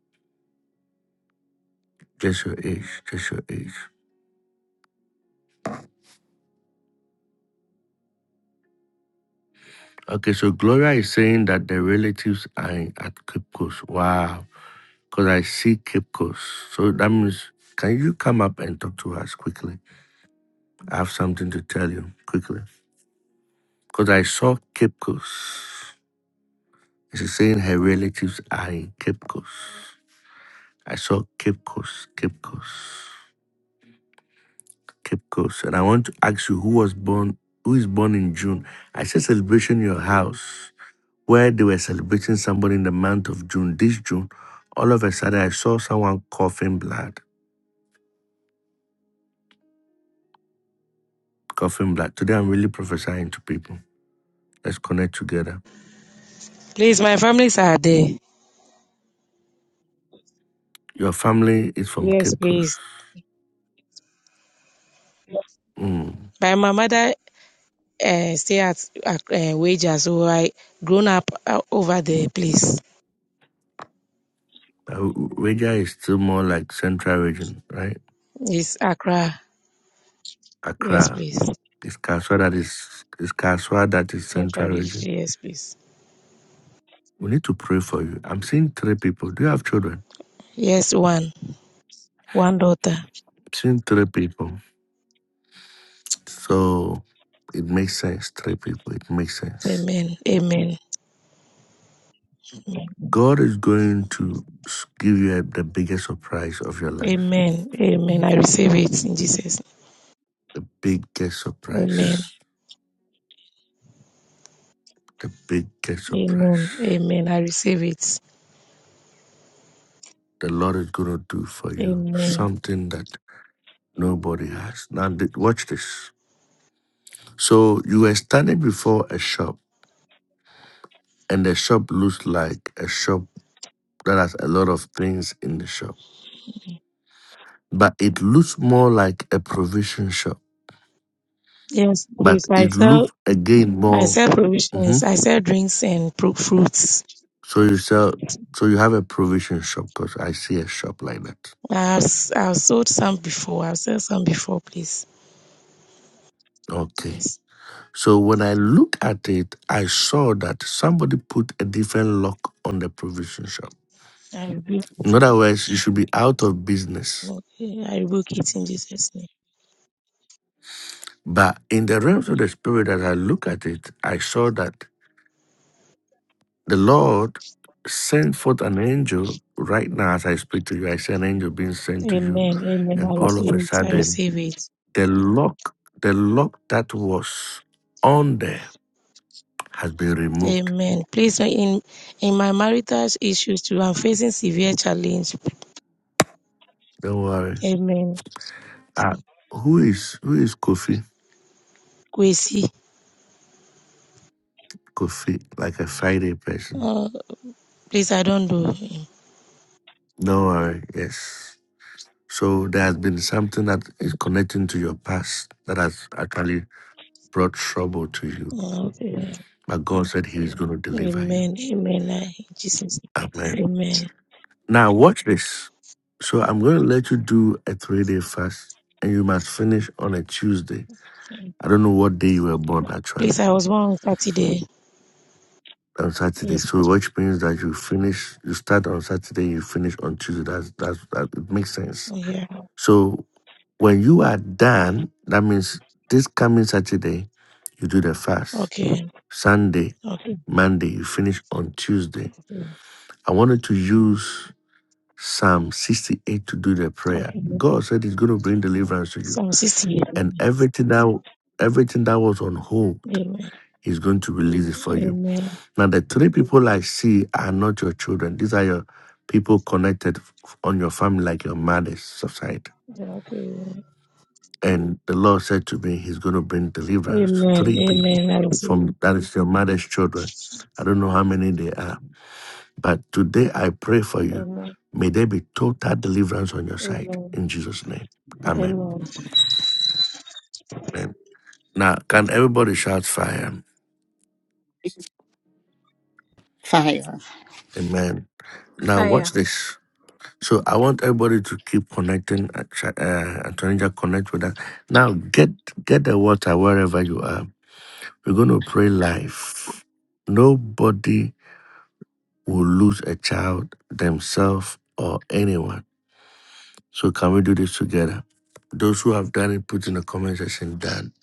[SPEAKER 9] just your age, just your age. Okay, so Gloria is saying that the relatives are in- at Cape Coast. Wow. Because I see Cape Coast. So that means, can you come up and talk to us quickly? I have something to tell you quickly. Because I saw Cape Coast. She's saying her relatives are in Cape Coast. I saw Cape Coast, Cape Coast. Cape Coast. And I want to ask you who was born, who is born in June. I said celebration in your house where they were celebrating somebody in the month of June. This June, all of a sudden I saw someone coughing blood, coughing blood. Today I'm really prophesying to people. Let's connect together.
[SPEAKER 19] Please, my families are there.
[SPEAKER 9] Your family is from
[SPEAKER 19] Yes,
[SPEAKER 9] Cape Coast.
[SPEAKER 19] please.
[SPEAKER 9] Mm.
[SPEAKER 19] But my mother uh, stay at at uh, Wager, so I grown up uh, over there, please.
[SPEAKER 9] But Raja is still more like central region, right?
[SPEAKER 19] Yes, Accra. Yes,
[SPEAKER 9] Accra.
[SPEAKER 19] please.
[SPEAKER 9] It's Kaswa that is it's Kaswa that is
[SPEAKER 19] Central
[SPEAKER 9] central
[SPEAKER 19] Village.
[SPEAKER 9] region.
[SPEAKER 19] Yes, please.
[SPEAKER 9] We need to pray for you. I'm seeing three people. Do you have children?
[SPEAKER 19] Yes, one. One daughter.
[SPEAKER 9] Seen three people. So it makes sense. Three people. It makes sense.
[SPEAKER 19] Amen. Amen.
[SPEAKER 9] God is going to s- give you a- the biggest surprise of your life.
[SPEAKER 19] Amen. Amen. I receive it in Jesus. name.
[SPEAKER 9] The biggest
[SPEAKER 19] Amen.
[SPEAKER 9] surprise. The biggest surprise.
[SPEAKER 19] Amen. Amen. I receive it.
[SPEAKER 9] The Lord is going to do for you
[SPEAKER 19] Amen.
[SPEAKER 9] something that nobody has. Now, th- watch this. So you were standing before a shop, and the shop looks like a shop that has a lot of things in the shop, but it looks more like a provision shop
[SPEAKER 19] Yes,
[SPEAKER 9] but
[SPEAKER 19] please. I
[SPEAKER 9] it
[SPEAKER 19] sell
[SPEAKER 9] looks again Mhm.
[SPEAKER 19] I
[SPEAKER 9] more.
[SPEAKER 19] sell
[SPEAKER 9] hmm
[SPEAKER 19] provisions. I sell drinks and pro- fruits.
[SPEAKER 9] So you sell, so you have a provision shop because I see a shop like that.
[SPEAKER 19] I've s- I've sold some before. I've sold some before, please.
[SPEAKER 9] Okay.
[SPEAKER 19] Yes.
[SPEAKER 9] So when I look at it, I saw that somebody put a different lock on the provision shop.
[SPEAKER 19] I rebuke
[SPEAKER 9] In other words, you should be out of business.
[SPEAKER 19] okay, I rebuke it in Jesus' name.
[SPEAKER 9] But in the realms of the spirit, as I look at it, I saw that the Lord sent forth an angel right now as I speak to you. I see an angel being sent to you,
[SPEAKER 19] Amen. Amen.
[SPEAKER 9] and
[SPEAKER 19] I
[SPEAKER 9] all
[SPEAKER 19] receive
[SPEAKER 9] of a
[SPEAKER 19] it. I
[SPEAKER 9] sudden,
[SPEAKER 19] receive it.
[SPEAKER 9] The lock, the lock that was on there has been removed.
[SPEAKER 19] Amen. Please uh, in in my marital issues too, I'm facing severe challenge.
[SPEAKER 9] Don't worry.
[SPEAKER 19] Amen.
[SPEAKER 9] Uh, who is who is Kofi?
[SPEAKER 19] Kwesi.
[SPEAKER 9] Kofi, like a Friday person.
[SPEAKER 19] Uh, please I don't do him.
[SPEAKER 9] Don't worry. Yes. So there has been something that is connecting to your past that has actually brought trouble to you.
[SPEAKER 19] Okay.
[SPEAKER 9] But God said He is going to deliver you.
[SPEAKER 19] Amen. Amen. I, Jesus.
[SPEAKER 9] Amen.
[SPEAKER 19] Amen.
[SPEAKER 9] Now watch this. So I'm going to let you do a three day fast, and you must finish on a Tuesday. I don't know what day you were born
[SPEAKER 19] Please
[SPEAKER 9] actually.
[SPEAKER 19] I was born on Saturday.
[SPEAKER 9] on Saturday.
[SPEAKER 19] Yes.
[SPEAKER 9] So which means that you finish, you start on Saturday, you finish on Tuesday. That's that's that it makes sense.
[SPEAKER 19] Oh, Yeah.
[SPEAKER 9] So when you are done, that means this coming Saturday, you do the fast.
[SPEAKER 19] Okay.
[SPEAKER 9] Sunday,
[SPEAKER 19] Okay.
[SPEAKER 9] Monday, you finish on Tuesday. I wanted to use Psalm 68 to do the prayer.
[SPEAKER 19] Okay.
[SPEAKER 9] God said He's going to bring deliverance to you,
[SPEAKER 19] Psalm 68.
[SPEAKER 9] and
[SPEAKER 19] Amen.
[SPEAKER 9] everything that everything that was on hold,
[SPEAKER 19] Amen.
[SPEAKER 9] is going to release it for you.
[SPEAKER 19] Amen.
[SPEAKER 9] Now, the three people I see are not your children. These are your people connected f- on your family, like your mother's side.
[SPEAKER 19] Okay.
[SPEAKER 9] And the Lord said to me, He's going to bring deliverance to
[SPEAKER 19] Amen.
[SPEAKER 9] three people
[SPEAKER 19] Amen. I receive it.
[SPEAKER 9] from that is your mother's children. I don't know how many they are, but today I pray for you.
[SPEAKER 19] Amen.
[SPEAKER 9] May there be total deliverance on your side
[SPEAKER 19] Amen.
[SPEAKER 9] in Jesus' name. Amen.
[SPEAKER 19] Amen.
[SPEAKER 9] Amen. Now, can everybody shout fire?
[SPEAKER 10] Fire.
[SPEAKER 9] Amen. Now, watch
[SPEAKER 16] Fire.
[SPEAKER 9] this. So I want everybody to keep connecting. Uh, try- uh, Anthony, just connect with us. Now get get the water wherever you are. We're going to pray life. Nobody will lose a child, themselves, or anyone. So can we do this together? Those who have done it, put in the comment section. Done.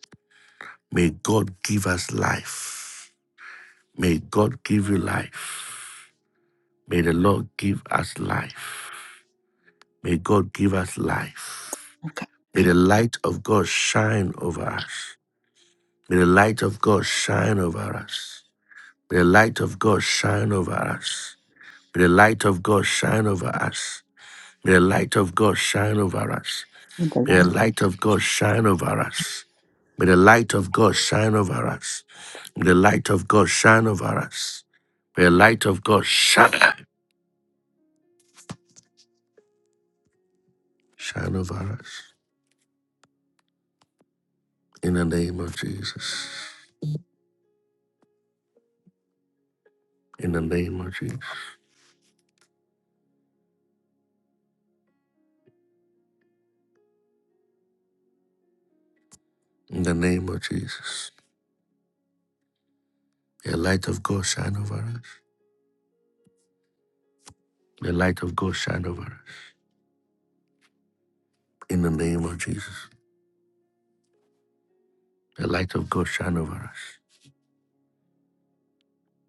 [SPEAKER 9] May God give us life. May God give you life. May the Lord give us life. May God give us life.
[SPEAKER 10] Okay.
[SPEAKER 9] May the light of God shine over us. May the light of God shine over us. May the light of God shine over us. May the light of God shine over us. May the light of God shine over us.
[SPEAKER 10] In the
[SPEAKER 9] May
[SPEAKER 10] light.
[SPEAKER 9] the light of God shine over us. May the light of God shine over us. May the light of God shine over us. May the light of God shine, shine over us. In the name of Jesus. In the name of Jesus. In the name of Jesus. May The light of God shine over us. May The light of God shine over us. In the name of Jesus. May The light of God shine over us.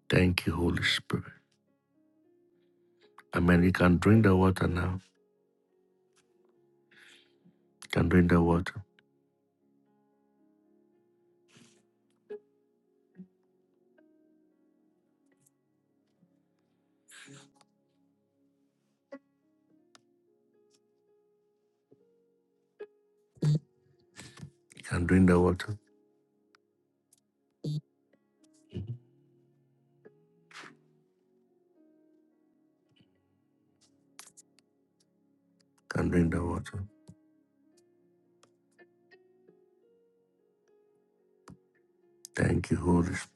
[SPEAKER 9] Thank you, Holy Spirit. Amen. You can drink the water now. You can drink the water. You can drink the water. You can drink the water. Thank you, Holy Spirit.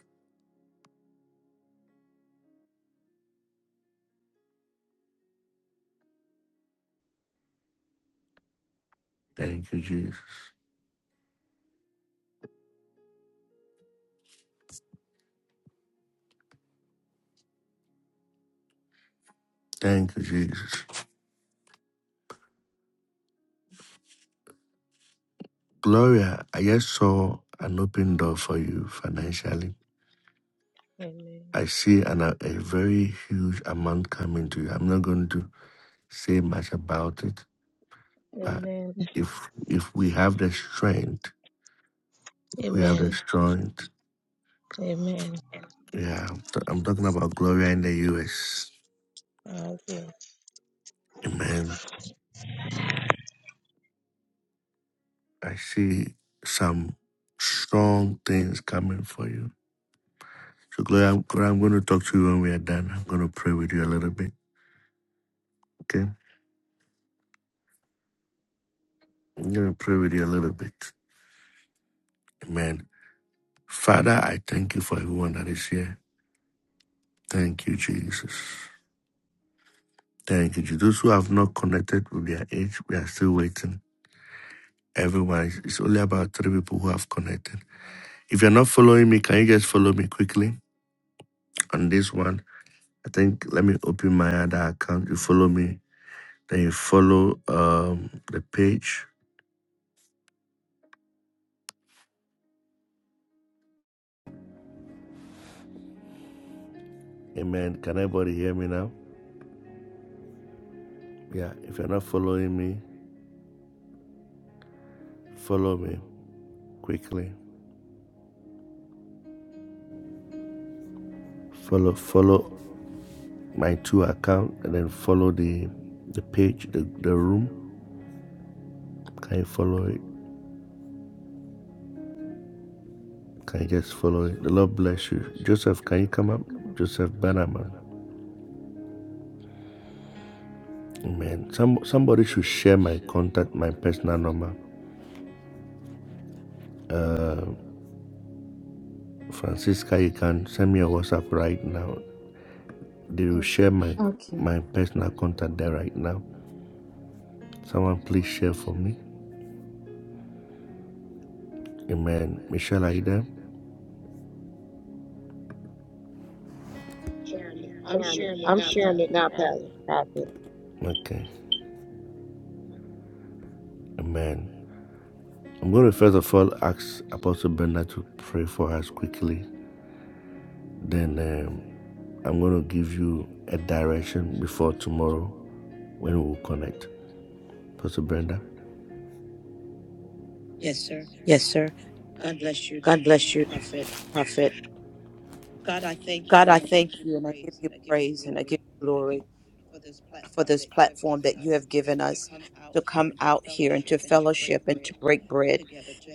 [SPEAKER 9] Thank you, Jesus. Thank you, Jesus. Gloria, I just saw an open door for you financially.
[SPEAKER 19] Amen.
[SPEAKER 9] I see an, a, a very huge amount coming to you. I'm not going to say much about it But
[SPEAKER 19] Amen.
[SPEAKER 9] if if we have the strength, if we have the
[SPEAKER 19] Amen.
[SPEAKER 9] strength,
[SPEAKER 19] Amen.
[SPEAKER 9] yeah, I'm t- I'm talking about Gloria in the US.
[SPEAKER 19] Okay.
[SPEAKER 9] Amen. I see some strong things coming for you. So Gloria, I'm, Gloria, I'm going to talk to you when we are done. I'm going to pray with you a little bit. Okay, I'm going to pray with you a little bit. Amen. Father, I thank you for everyone that is here. Thank you, Jesus. Thank you, Jesus. Those who have not connected with their age, we are still waiting. everyone. It's only about three people who have connected. If you're not following me, can you just follow me quickly on this one? I think let me open my other account. You follow me, then you follow um the page.
[SPEAKER 16] Okay.
[SPEAKER 17] Sharing it. I'm sharing it now, Pas- Prophet.
[SPEAKER 11] Yes, sir. God bless you, Prophet. God, I thank you and I give you praise and I give you glory for this platform that you have given us to come out here and to fellowship and to break bread.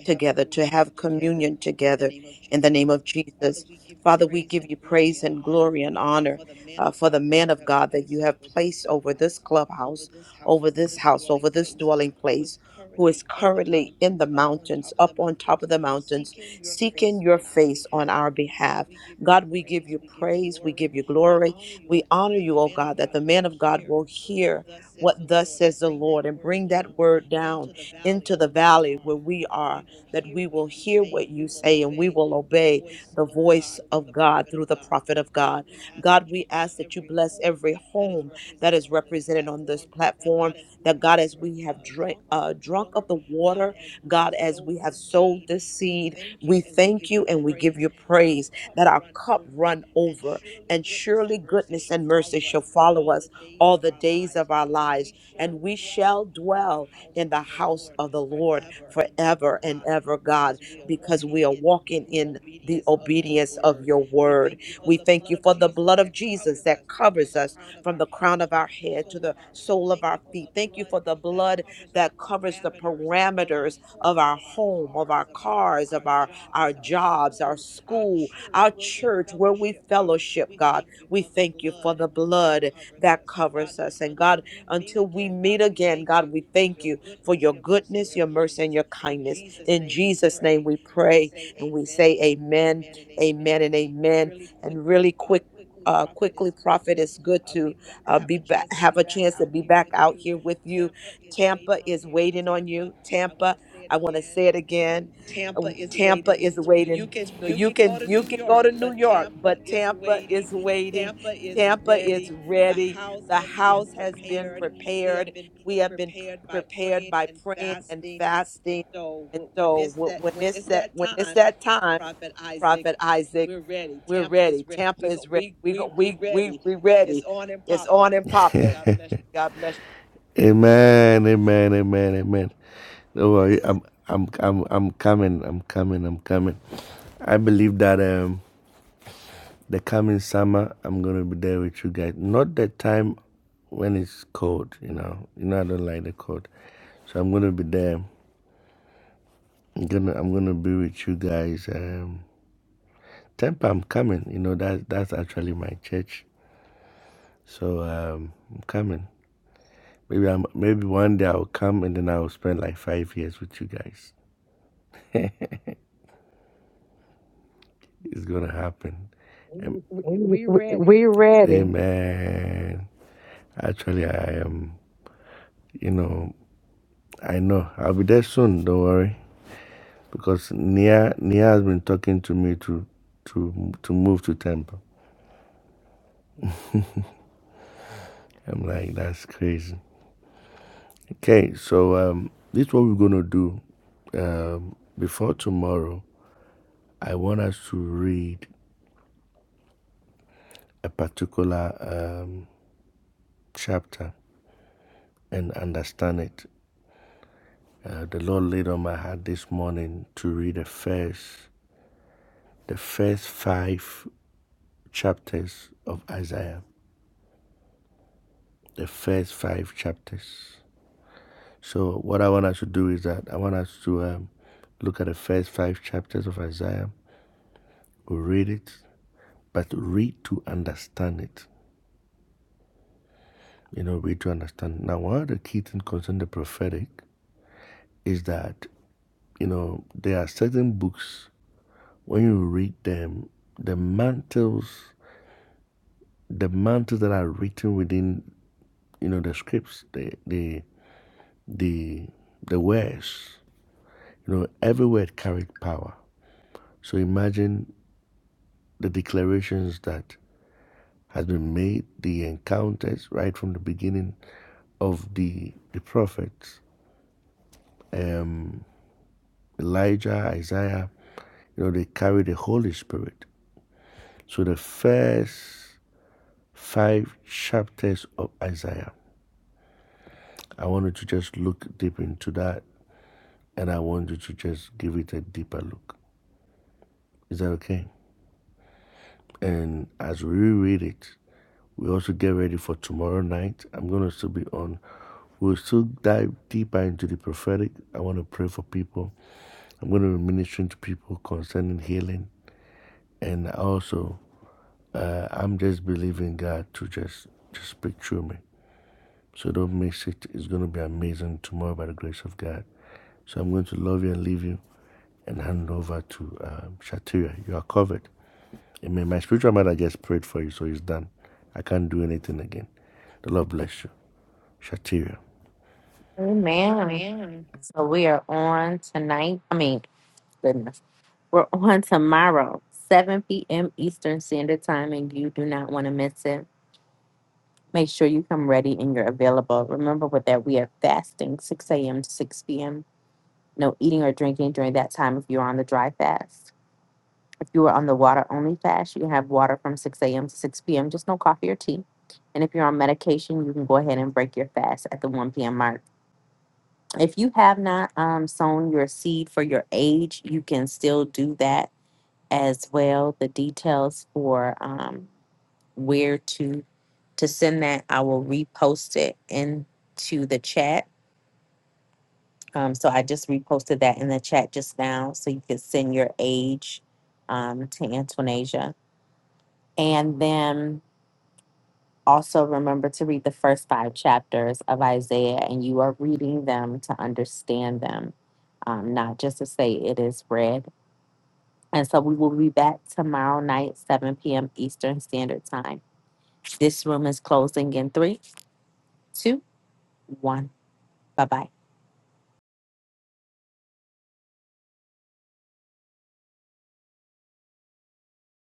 [SPEAKER 11] together, to have communion together in the name of Jesus. Father, we give you praise and glory and honor uh, for the man of God that you have placed over this clubhouse, over this house, over this dwelling place, who is currently in the mountains, up on top of the mountains, seeking your face on our behalf. God, we give you praise, we give you glory, we honor you, oh God, that the man of God will hear. What thus says the Lord, and bring that word down into the valley where we are that we will hear what you say and we will obey the voice of God through the prophet of God. God, we ask that you bless every home that is represented on this platform. That God, as we have drank, uh, drunk of the water, God, as we have sowed this seed, we thank you and we give you praise that our cup run over, and surely goodness and mercy shall follow us all the days of our lives, and we shall dwell in the house of the Lord forever and ever, God, because we are walking in the obedience of your word. We thank you for the blood of Jesus that covers us from the crown of our head to the sole of our feet. Thank you for the blood that covers the parameters of our home, of our cars, of our, our jobs, our school, our church, where we fellowship, God. We thank you for the blood that covers us. And God, until we meet again, God, we thank you for your goodness, your mercy, and your kindness. In Jesus' name we pray and we say amen, amen, and amen. And really quick. Uh, quickly, Prophet, it's good to uh, be back, have a chance to be back out here with you. Tampa is waiting on you. Tampa, I want to say it again. uh, Tampa is waiting. So you can you can go to New York, but Tampa is waiting. Tampa is ready. The house has been prepared. We have been prepared by praying and fasting. And so wh- when it's that when it's that time, Prophet Isaac, we're ready. Tampa is ready. We go, we we we ready. It's on and popping. God bless. you.
[SPEAKER 17] We we we ready.
[SPEAKER 3] Amen. So we are on tonight. I mean, goodness. We're on tomorrow, 7 p.m. Eastern Standard Time, and you do not want to miss it. Make sure you come ready and you're available. Remember with that, we are fasting 6 a.m. to 6 p.m. No eating or drinking during that time if you're on the dry fast. If you are on the water only fast, you can have water from 6 a.m. to 6 p.m., just no coffee or tea. And if you're on medication, you can go ahead and break your fast at the 1 p.m. mark. If you have not um, sown your seed for your age, you can still do that as well. The details for um, where to to send that, I will repost it into the chat. Um, so I just reposted that in the chat just now, so you can send your age um, to Antonasia, and then also remember to read the first five chapters of Isaiah, and you are reading them to understand them um, not just to say it is read. And so we will be back tomorrow night, 7 p.m. Eastern Standard Time. This room is closing in three, two, one. Bye bye.